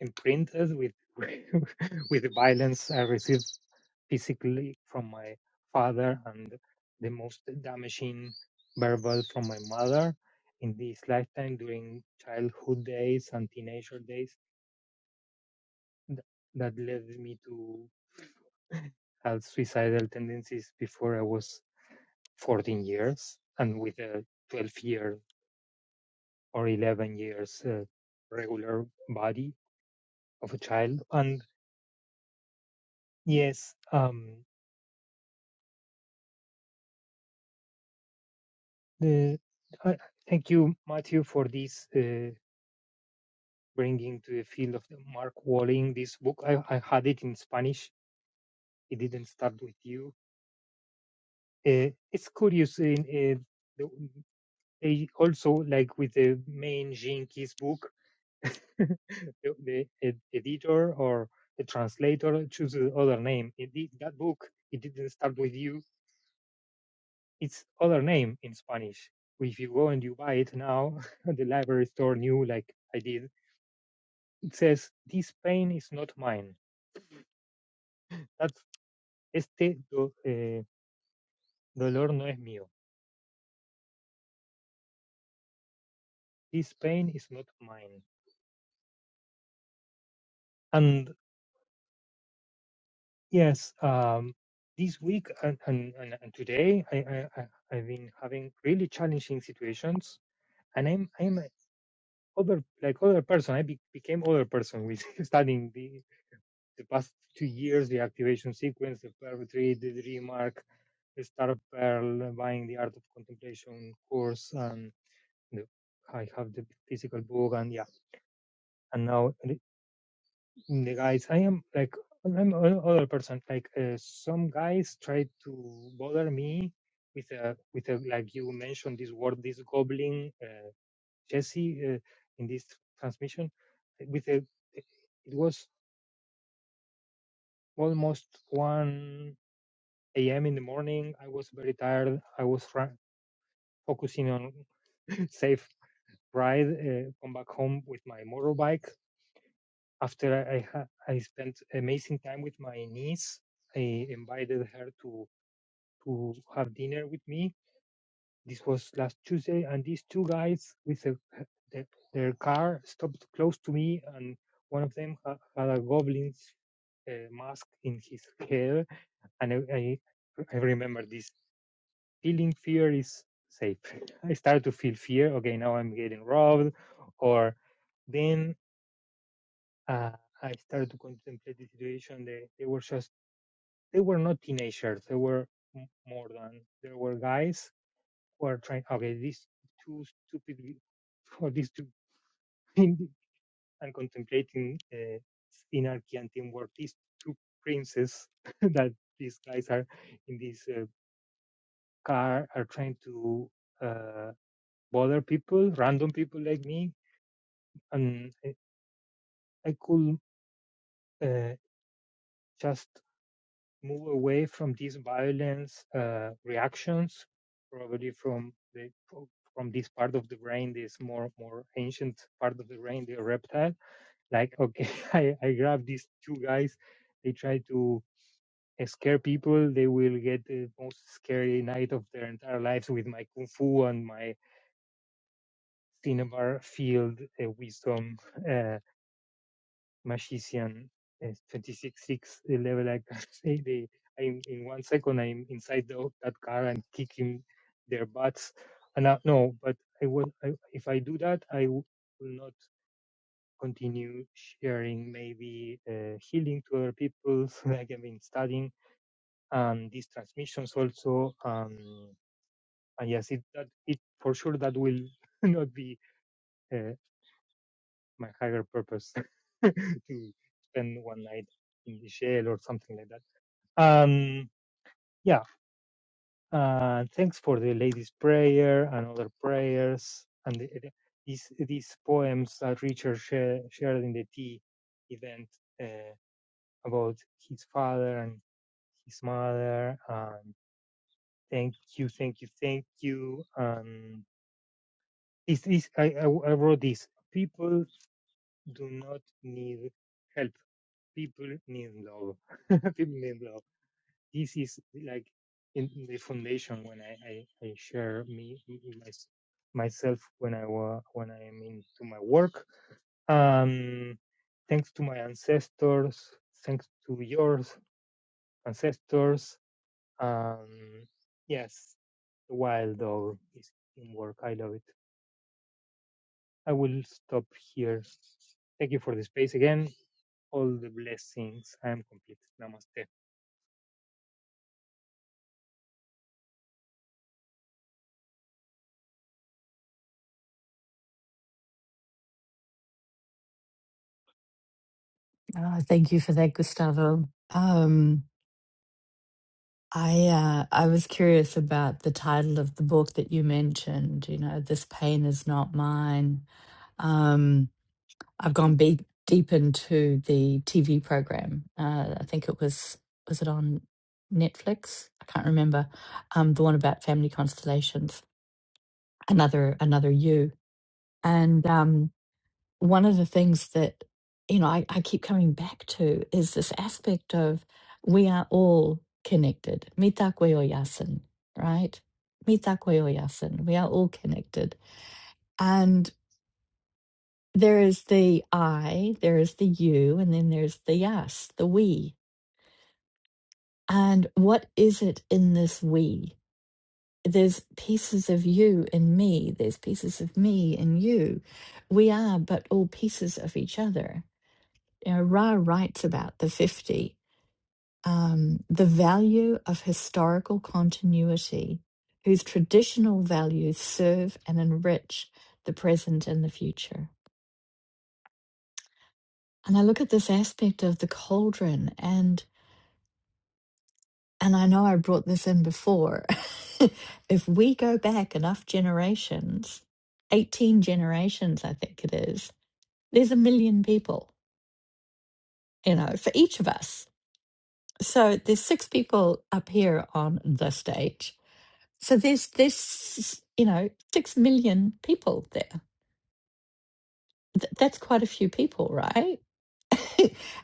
S5: imprinted with with the violence I received physically from my father and the most damaging verbal from my mother in this lifetime during childhood days and teenager days th- that led me to have suicidal tendencies before I was 14 years and with a 12 year or 11 years uh, regular body of a child and yes um the I, thank you matthew for this uh, bringing to the field of the mark walling this book I, I had it in spanish it didn't start with you uh, it's curious in uh, the, they also like with the main jinkies book the, the ed- editor or the translator chooses other name. It, did- that book, it didn't start with you. It's other name in Spanish. If you go and you buy it now, the library store new like I did, it says, this pain is not mine. That's, este do, eh, dolor no es mío. This pain is not mine. And yes, um, this week and, and, and and today, I, I, I- I've been having really challenging situations and I'm I'm other like other person. I be- became other person with studying the the past two years, the activation sequence, the Perl retreat, the dream arc, the star of Perl, buying the art of contemplation course, and the, I have the physical book, and yeah, and now the in the guys, I am like I'm an other person. Like uh, some guys try to bother me with a with a like you mentioned this word, this goblin. Uh, Jesse uh, in this transmission eh, with a it was almost 1 a.m. in the morning. I was very tired. I was fr- focusing on safe ride, uh, come back home with my motorbike. After I, I, ha- I spent amazing time with my niece, I invited her to to have dinner with me This was last Tuesday, and these two guys with a, their, their car stopped close to me, and one of them ha- had a goblin's uh, mask in his hair, and I, I, I remember this feeling fear is safe. I started to feel fear. Okay, now I'm getting robbed, or then uh, I started to contemplate the situation. They, they were just they were not teenagers. They were m- more than they were guys who are trying okay these two stupid or these two in- and contemplating uh, synarchy and teamwork these two princes that these guys are in this uh, car are trying to uh, bother people random people like me and i, I could uh, just move away from these violence uh, reactions probably from the from this part of the brain this more more ancient part of the brain the reptile like okay i i grab these two guys they try to scare people they will get the most scary night of their entire lives with my kung fu and my cinnabar field uh, wisdom uh, magician uh, 26 6 the level i can say they I'm, in one second i'm inside the, that car and kicking their butts and I, no but i will I, if i do that i w- will not continue sharing maybe uh, healing to other people like i've been studying and these transmissions also um, and yes it that it for sure that will not be uh, my higher purpose to spend one night in the jail or something like that um yeah uh thanks for the ladies prayer and other prayers and the, the- these these poems that richard share, shared in the tea event Uh, about his father and his mother and thank you thank you thank you and this is I, I, I wrote this people do not need help people need love people need love this is like in in the foundation when i i, I share me my, myself when i wa when i am into my work um thanks to my ancestors thanks to yours ancestors Um, yes, the wild dog is in work. I love it. I will stop here. Thank you for the space again. All the blessings. I am complete. Namaste.
S3: Ah, thank you for that, Gustavo. Um, I uh, I was curious about the title of the book that you mentioned. You know, this pain is not mine. Um, I've gone be- deep into the TV program. Uh, I think it was was it on Netflix? I can't remember. Um, the one about family constellations. Another another you. And um, one of the things that you know I, I keep coming back to is this aspect of we are all connected. Mitakoyo yasin, right? Mitakoyo yasin. We are all connected. and. There is the I, there is the you, and then there's the us, the we. And what is it in this we? There's pieces of you in me, there's pieces of me in you. We are but all pieces of each other. You know, Ra writes about the 50, um, the value of historical continuity, whose traditional values serve and enrich the present and the future. And I look at this aspect of the cauldron, and. and I know I brought this in before, if we go back enough generations, 18 generations, I think it is, there's a million people, you know, for each of us. So there's six people up here on the stage. So there's this, you know, six million people there. Th- that's quite a few people, right?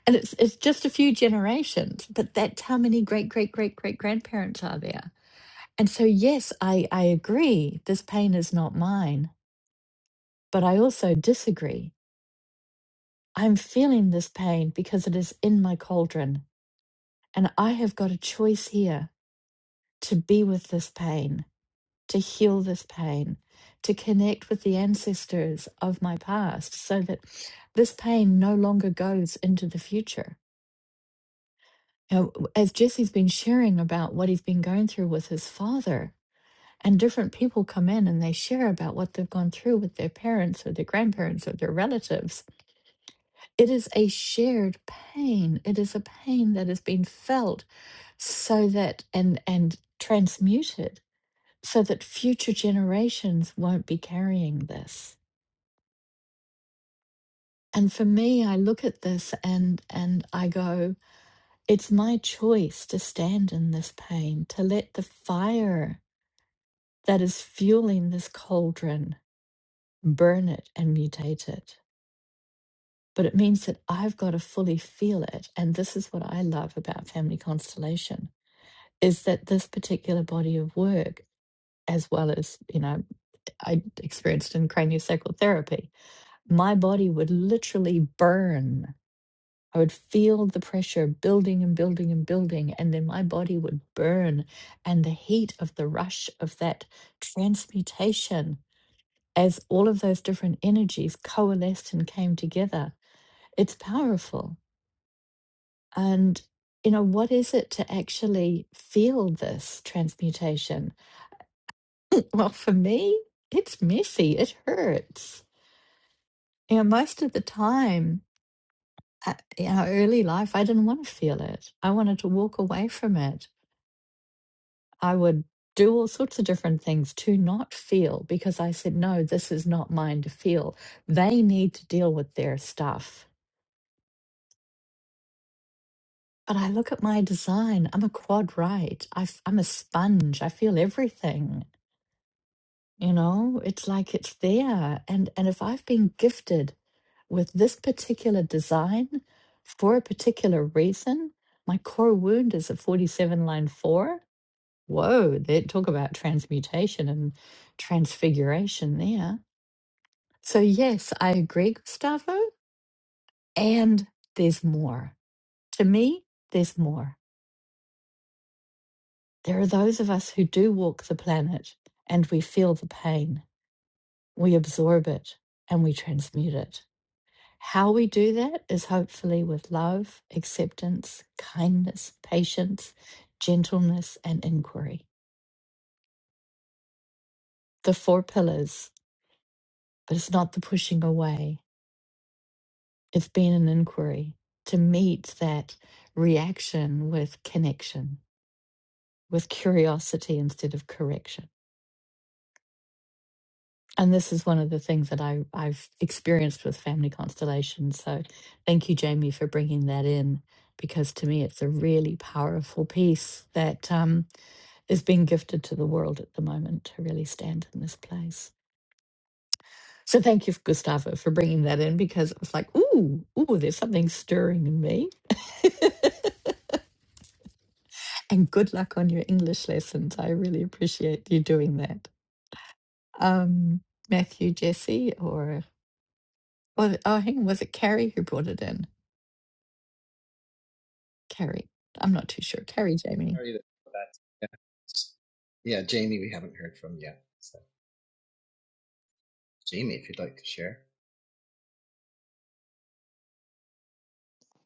S3: and it's it's just a few generations, but that's how many great great great great grandparents are there And so, yes, I, I agree this pain is not mine, but I also disagree. I'm feeling this pain because it is in my cauldron. And I have got a choice here to be with this pain, to heal this pain, to connect with the ancestors of my past so that this pain no longer goes into the future. Now, as Jesse's been sharing about what he's been going through with his father, and different people come in and they share about what they've gone through with their parents or their grandparents or their relatives. It is a shared pain. It is a pain that has been felt so that and and transmuted so that future generations won't be carrying this. And for me, I look at this and and I go, it's my choice to stand in this pain, to let the fire that is fueling this cauldron burn it and mutate it but it means that I've got to fully feel it. And this is what I love about Family Constellation is that this particular body of work, as well as, you know, I experienced in craniosacral therapy, my body would literally burn. I would feel the pressure building and building and building, and then my body would burn. And the heat of the rush of that transmutation, as all of those different energies coalesced and came together, it's powerful And, you know, what is it to actually feel this transmutation? Well, for me, it's messy, it hurts. You know, most of the time uh, in our early life, I didn't want to feel it. I wanted to walk away from it. I would do all sorts of different things to not feel because I said, no, this is not mine to feel. They need to deal with their stuff. But I look at my design, I'm a quad right. I f- I'm a sponge, I feel everything. you know it's like it's there and and if i've been gifted with this particular design for a particular reason my core wound is a 47 line 4 whoa they talk about transmutation and transfiguration there so yes i agree gustavo and there's more to me there's more there are those of us who do walk the planet and we feel the pain we absorb it and we transmute it How we do that is hopefully with love, acceptance, kindness, patience, gentleness, and inquiry. The four pillars, but it's not the pushing away, it's being an inquiry to meet that reaction with connection, with curiosity instead of correction. And this is one of the things that I, I've experienced with family constellations. So thank you, Jamie, for bringing that in, because to me, it's a really powerful piece that. Um, is being gifted to the world at the moment to really stand in this place. So thank you, Gustavo, for bringing that in because it was like, ooh, ooh, there's something stirring in me. And good luck on your English lessons. I really appreciate you doing that. Um, Matthew, Jesse, or oh, oh, hang on, was it Carrie who brought it in? Carrie, I'm not too sure. Carrie, Jamie.
S2: How are you? Yeah. yeah, Jamie, we haven't heard from yet. So Jamie, if you'd like to share,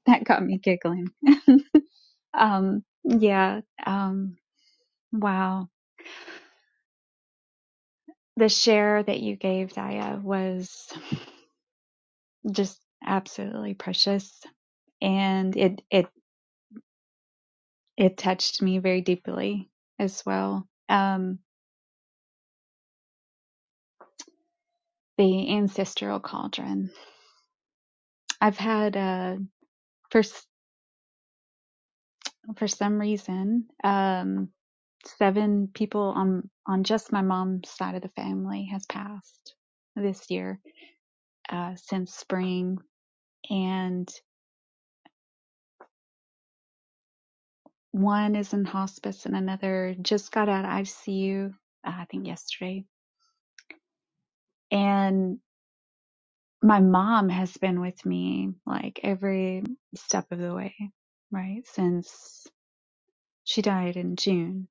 S6: that got me giggling. Um, yeah. Um, wow. The share that you gave, Daya, was just absolutely precious. And it, it, it touched me very deeply as well. Um, the ancestral cauldron. I've had, uh, for, for some reason, um, seven people on, on just my mom's side of the family has passed this year, uh, since spring. and. One is in hospice and another just got out of ICU, uh, I think yesterday. And my mom has been with me like every step of the way, right? Since she died in June,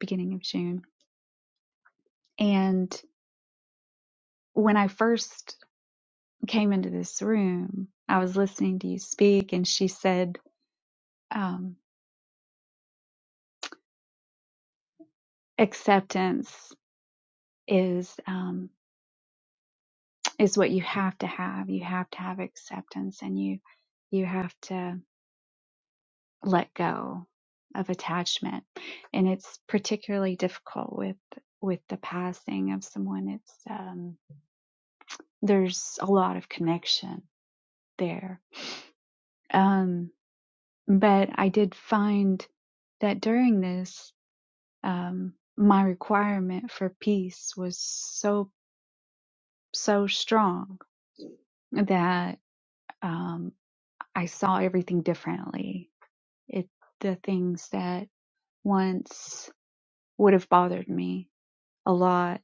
S6: beginning of June. And when I first came into this room, I was listening to you speak and she said, um, acceptance is, um, is what you have to have. You have to have acceptance and you, you have to let go of attachment and it's particularly difficult with with the passing of someone it's um there's a lot of connection there um but i did find that during this um my requirement for peace was so so strong that um i saw everything differently it the things that once would have bothered me a lot.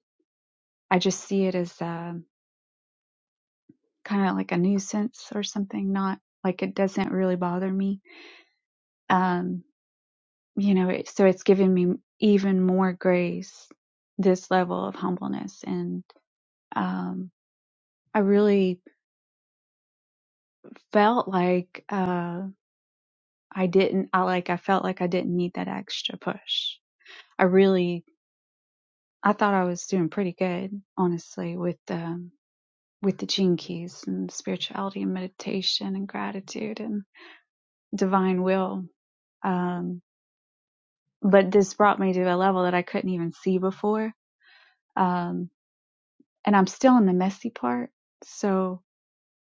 S6: I just see it as um kind of like a nuisance or something, not like it doesn't really bother me. Um, you know, it, so it's given me even more grace, this level of humbleness. And um, I really felt like uh, I didn't, I like, I felt like I didn't need that extra push. I really, I thought I was doing pretty good, honestly, with um, with the gene keys and spirituality and meditation and gratitude and divine will. Um, but this brought me to a level that I couldn't even see before. Um, and I'm still in the messy part. So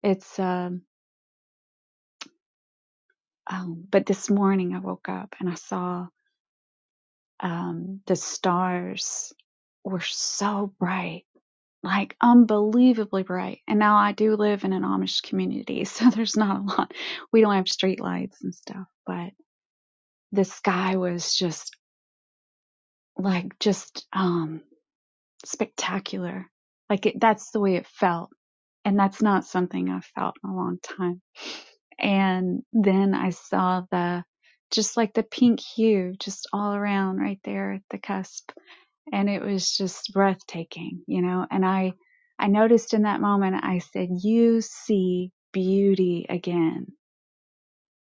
S6: it's, um, um, but this morning I woke up and I saw, um, the stars were so bright, like unbelievably bright. And now I do live in an Amish community, so there's not a lot. We don't have street lights and stuff, but the sky was just like, just, um, spectacular. Like it, that's the way it felt. And that's not something I've felt in a long time. And then I saw the, just like the pink hue, just all around right there at the cusp. And it was just breathtaking, you know, and I, I noticed in that moment, I said, you see beauty again.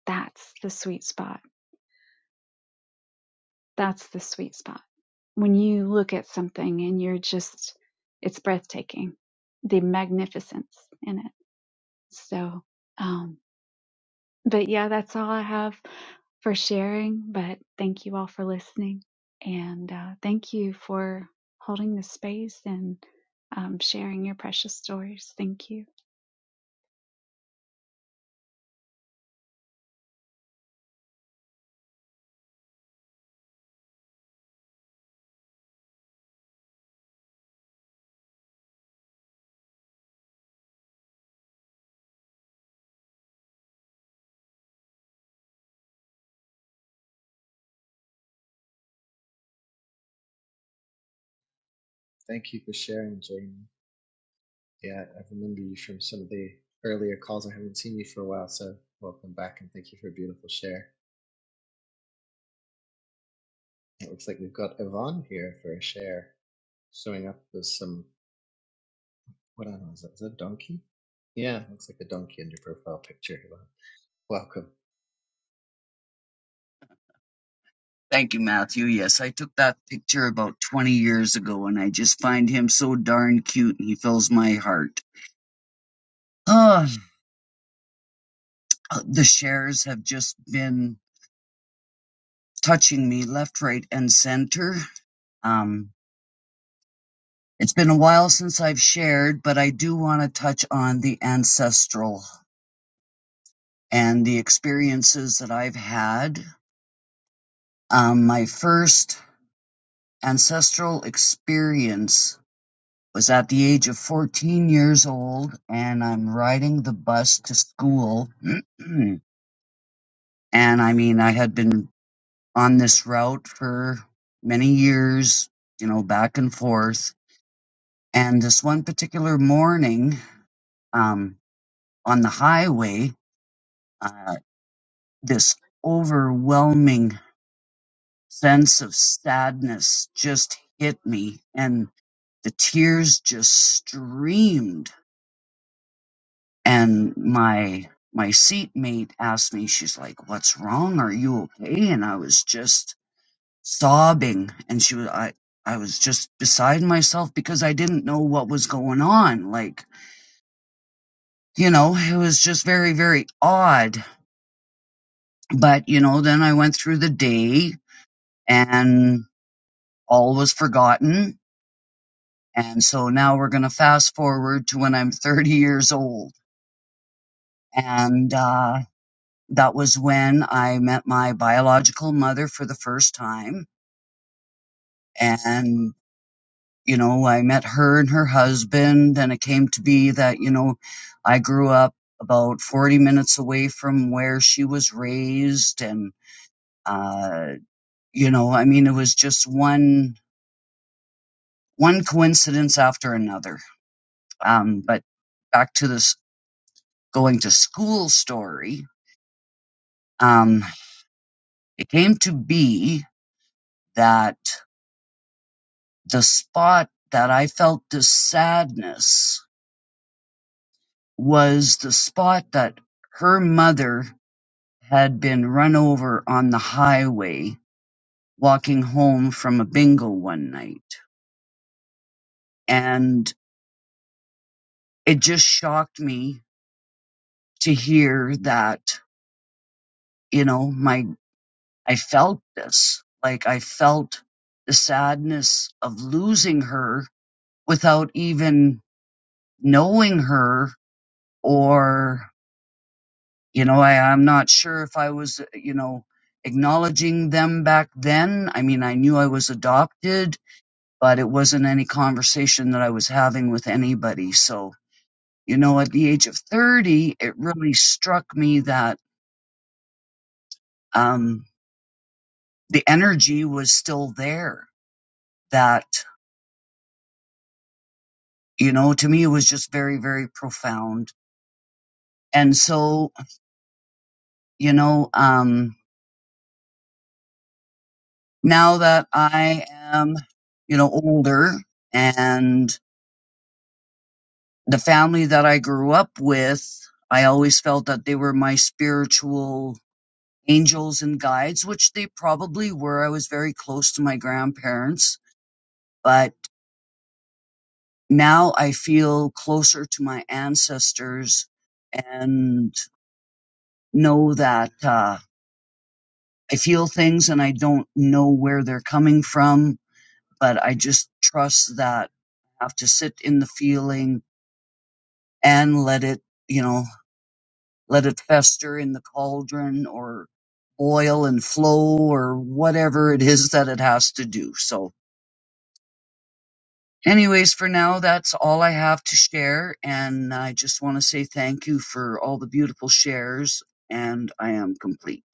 S6: That's the sweet spot That's the sweet spot. When you look at something and you're just, it's breathtaking, the magnificence in it. So, um, but yeah, that's all I have for sharing. But thank you all for listening. And uh, thank you for holding the space and um, sharing your precious stories. Thank you.
S2: thank you for sharing, Jamie. Yeah, I remember you from some of the earlier calls. I haven't seen you for a while, so welcome back and thank you for a beautiful share. It looks like we've got Yvonne here for a share, showing up with some, what animal is that? Is that a donkey? Yeah, looks like a donkey in your profile picture, Yvonne. Welcome.
S7: Thank you, Matthew. Yes, I took that picture about 20 years ago, and I just find him so darn cute, and he fills my heart. Ugh, the shares have just been touching me left, right, and center. Um, it's been a while since I've shared, but I do want to touch on the ancestral and the experiences that I've had. Um, my first ancestral experience was at the age of 14 years old and I'm riding the bus to school. and I mean, I had been on this route for many years, you know, back and forth. And this one particular morning, um, on the highway, uh, this overwhelming sense of sadness just hit me and the tears just streamed and my my seatmate asked me she's like what's wrong are you okay and i was just sobbing and she was i i was just beside myself because i didn't know what was going on like you know it was just very very odd but you know then i went through the day and all was forgotten and so now we're going to fast forward to when i'm 30 years old and uh that was when I met my biological mother for the first time. And, you know, I met her and her husband, and it came to be that, you know, I grew up about 40 minutes away from where she was raised. And, uh, you know, I mean, it was just one, one coincidence after another. Um, but back to this going to school story, um, it came to be that the spot that I felt the sadness was the spot that her mother had been run over on the highway walking home from a bingo one night. And it just shocked me to hear that, you know, my, I felt this, like I felt the sadness of losing her without even knowing her or you know I, i'm not sure if i was you know acknowledging them back then i mean i knew i was adopted but it wasn't any conversation that i was having with anybody so you know at the age of 30 it really struck me that um the energy was still there that you know to me it was just very very profound and so you know um now that i am you know older and the family that I grew up with, I always felt that they were my spiritual angels and guides, which they probably were. I was very close to my grandparents, but now I feel closer to my ancestors and know that uh, I feel things and I don't know where they're coming from, but I just trust that I have to sit in the feeling and let it, you know, let it fester in the cauldron or boil and flow or whatever it is that it has to do. So anyways, for now, that's all I have to share. And I just want to say thank you for all the beautiful shares and I am complete.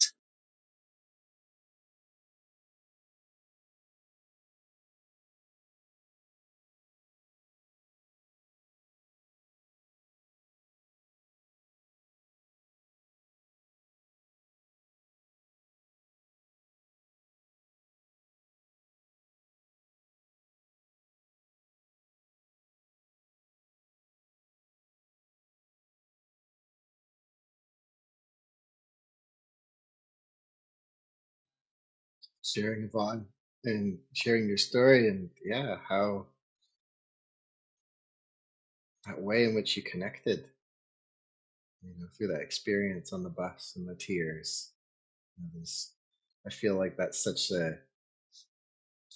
S2: Sharing Yvonne and sharing your story and yeah, how that way in which you connected, you know, through that experience on the bus and the tears. You know, there's- I feel like that's such a,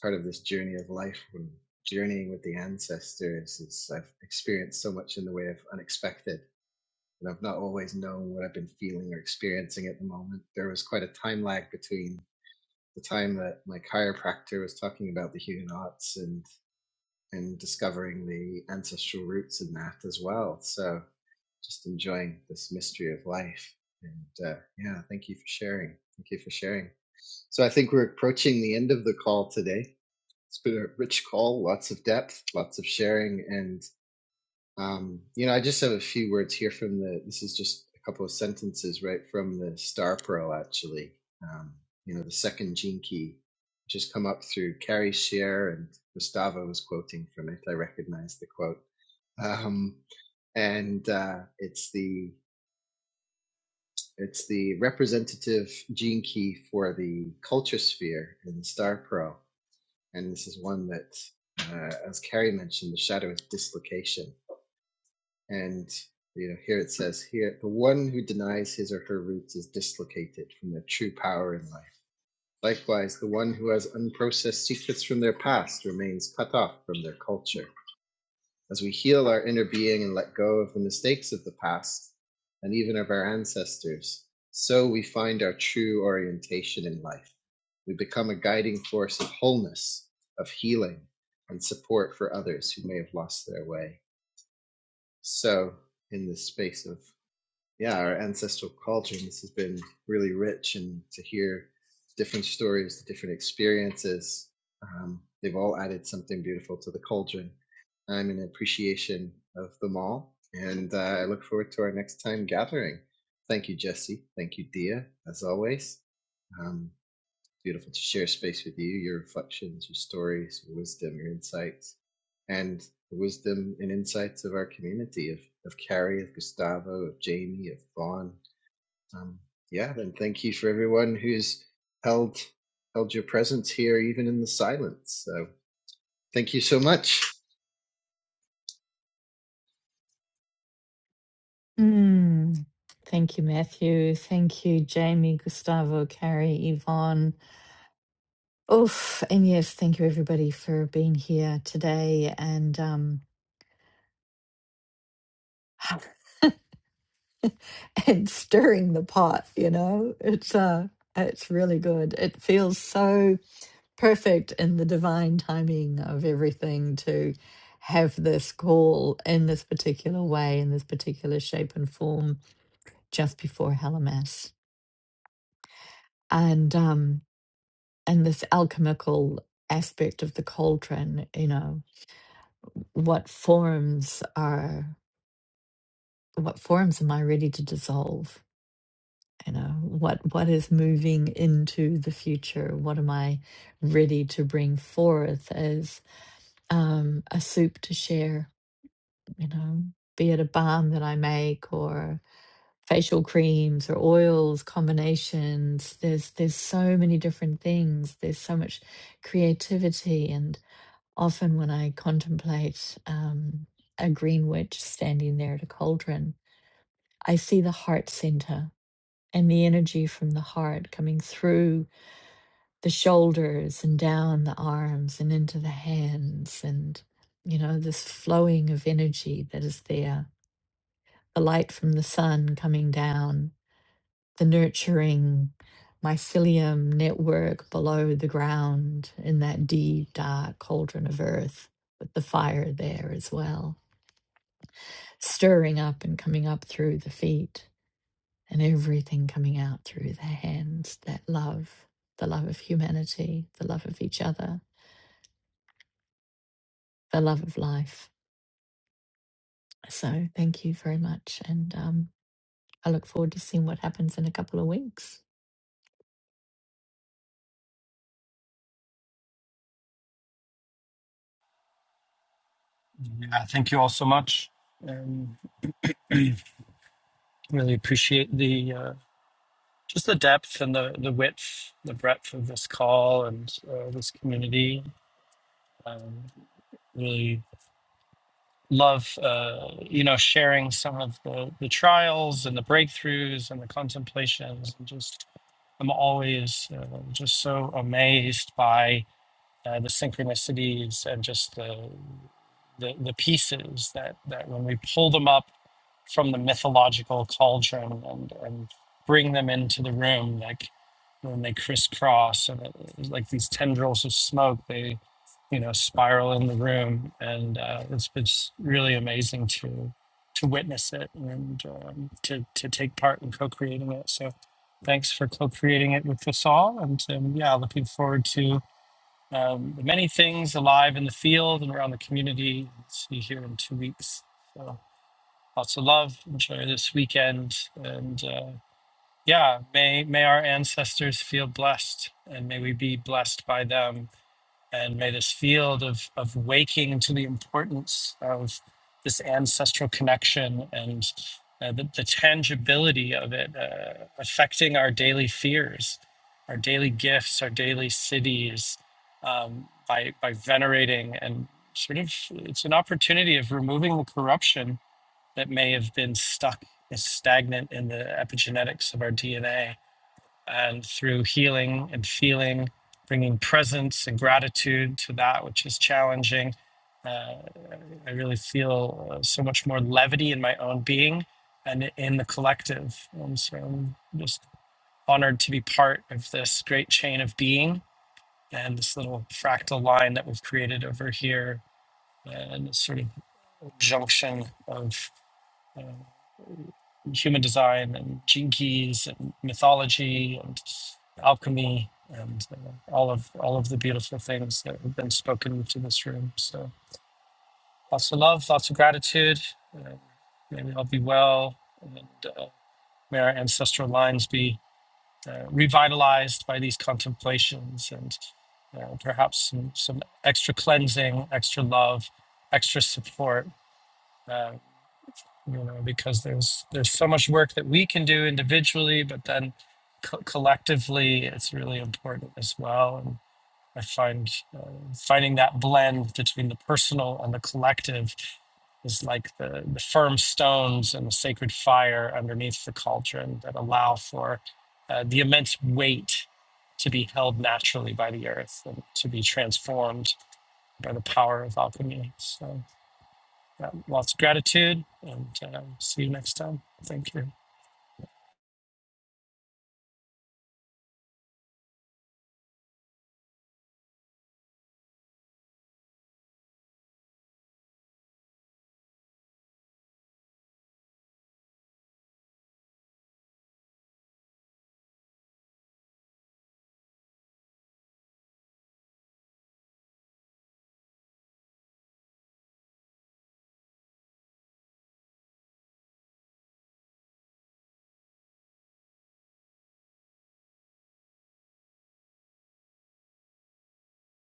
S2: part of this journey of life and journeying with the ancestors is I've experienced so much in the way of unexpected. And I've not always known what I've been feeling or experiencing at the moment. There was quite a time lag between the time that my chiropractor was talking about the Huguenots and and discovering the ancestral roots in that as well. So just enjoying this mystery of life. And uh, yeah, thank you for sharing. Thank you for sharing. So I think we're approaching the end of the call today it's been a rich call, lots of depth, lots of sharing, and um, you know, I just have a few words here from the. This is just a couple of sentences right from the Star Pearl, actually. Um, you know, the second gene key, which has come up through Carrie Shear and Gustavo was quoting from it. I recognize the quote, um, and uh, it's the it's the representative gene key for the culture sphere in the Star Pearl and this is one that, uh, as Carrie mentioned, the shadow is dislocation. And you know, here it says here the one who denies his or her roots is dislocated from their true power in life. Likewise, the one who has unprocessed secrets from their past remains cut off from their culture. As we heal our inner being and let go of the mistakes of the past and even of our ancestors, so we find our true orientation in life. We become a guiding force of wholeness, of healing, and support for others who may have lost their way. So, in this space of yeah, our ancestral culture, and this has been really rich, and to hear different stories, different experiences, um, they've all added something beautiful to the cauldron. I'm in appreciation of them all, and uh, I look forward to our next time gathering. Thank you, Jesse. Thank you, Dia, as always. Um, beautiful to share space with you, your reflections, your stories, your wisdom, your insights, and the wisdom and insights of our community of, of Carrie, of Gustavo, of Jamie, of Vaughn. Um, yeah, and thank you for everyone who's held held your presence here, even in the silence. So thank you so much.
S3: Mm. Thank you, Matthew. Thank you, Jamie, Gustavo, Carrie, Yvonne. Oof. And yes, thank you everybody for being here today and um and stirring the pot, you know. It's uh it's really good. It feels so perfect in the divine timing of everything to have this call in this particular way, in this particular shape and form just before Hellamass. And um and this alchemical aspect of the cauldron, you know, what forms are what forms am I ready to dissolve? You know, what what is moving into the future? What am I ready to bring forth as um, a soup to share? You know, be it a balm that I make or facial creams or oils combinations. There's there's so many different things. There's so much creativity, and often when I contemplate um, a green witch standing there at a cauldron, I see the heart center and the energy from the heart coming through the shoulders and down the arms and into the hands and you know this flowing of energy that is there the light from the sun coming down the nurturing mycelium network below the ground in that deep dark cauldron of earth with the fire there as well stirring up and coming up through the feet and everything coming out through their hands that love, the love of humanity, the love of each other, the love of life. So, thank you very much. And um, I look forward to seeing what happens in a couple of weeks.
S1: Yeah, thank you all so much. Um, really appreciate the uh, just the depth and the the width, the breadth of this call and uh, this community. Um, really love uh, you know sharing some of the the trials and the breakthroughs and the contemplations and just i'm always uh, just so amazed by uh, the synchronicities and just the, the the pieces that that when we pull them up from the mythological cauldron and, and bring them into the room like when they crisscross and it, it's like these tendrils of smoke they you know spiral in the room and uh, it's it's really amazing to to witness it and um, to to take part in co-creating it so thanks for co-creating it with us all and um, yeah looking forward to um, the many things alive in the field and around the community see you here in two weeks So lots of love. Enjoy this weekend, and uh, yeah, may may our ancestors feel blessed, and may we be blessed by them, and may this field of of waking to the importance of this ancestral connection and uh, the, the tangibility of it uh, affecting our daily fears, our daily gifts, our daily cities, um, by by venerating and sort of it's an opportunity of removing the corruption that may have been stuck as stagnant in the epigenetics of our DNA. And through healing and feeling, bringing presence and gratitude to that which is challenging, uh, I really feel uh, so much more levity in my own being and in the collective. Um, so I'm just honored to be part of this great chain of being and this little fractal line that we've created over here and this sort of junction of you human design and gene keys and mythology and alchemy and uh, all of all of the beautiful things that have been spoken into this room. So lots of love, lots of gratitude. Uh, may I'll be well, and uh, may our ancestral lines be uh, revitalized by these contemplations and. Uh, perhaps some, some extra cleansing, extra love, extra support Uh, you know because there's there's so much work that we can do individually but then co- collectively it's really important as well and i find uh, finding that blend between the personal and the collective is like the, the firm stones and the sacred fire underneath the cauldron that allow for uh, the immense weight to be held naturally by the earth and to be transformed by the power of alchemy. So, um, lots of gratitude and um, see you next time. Thank you.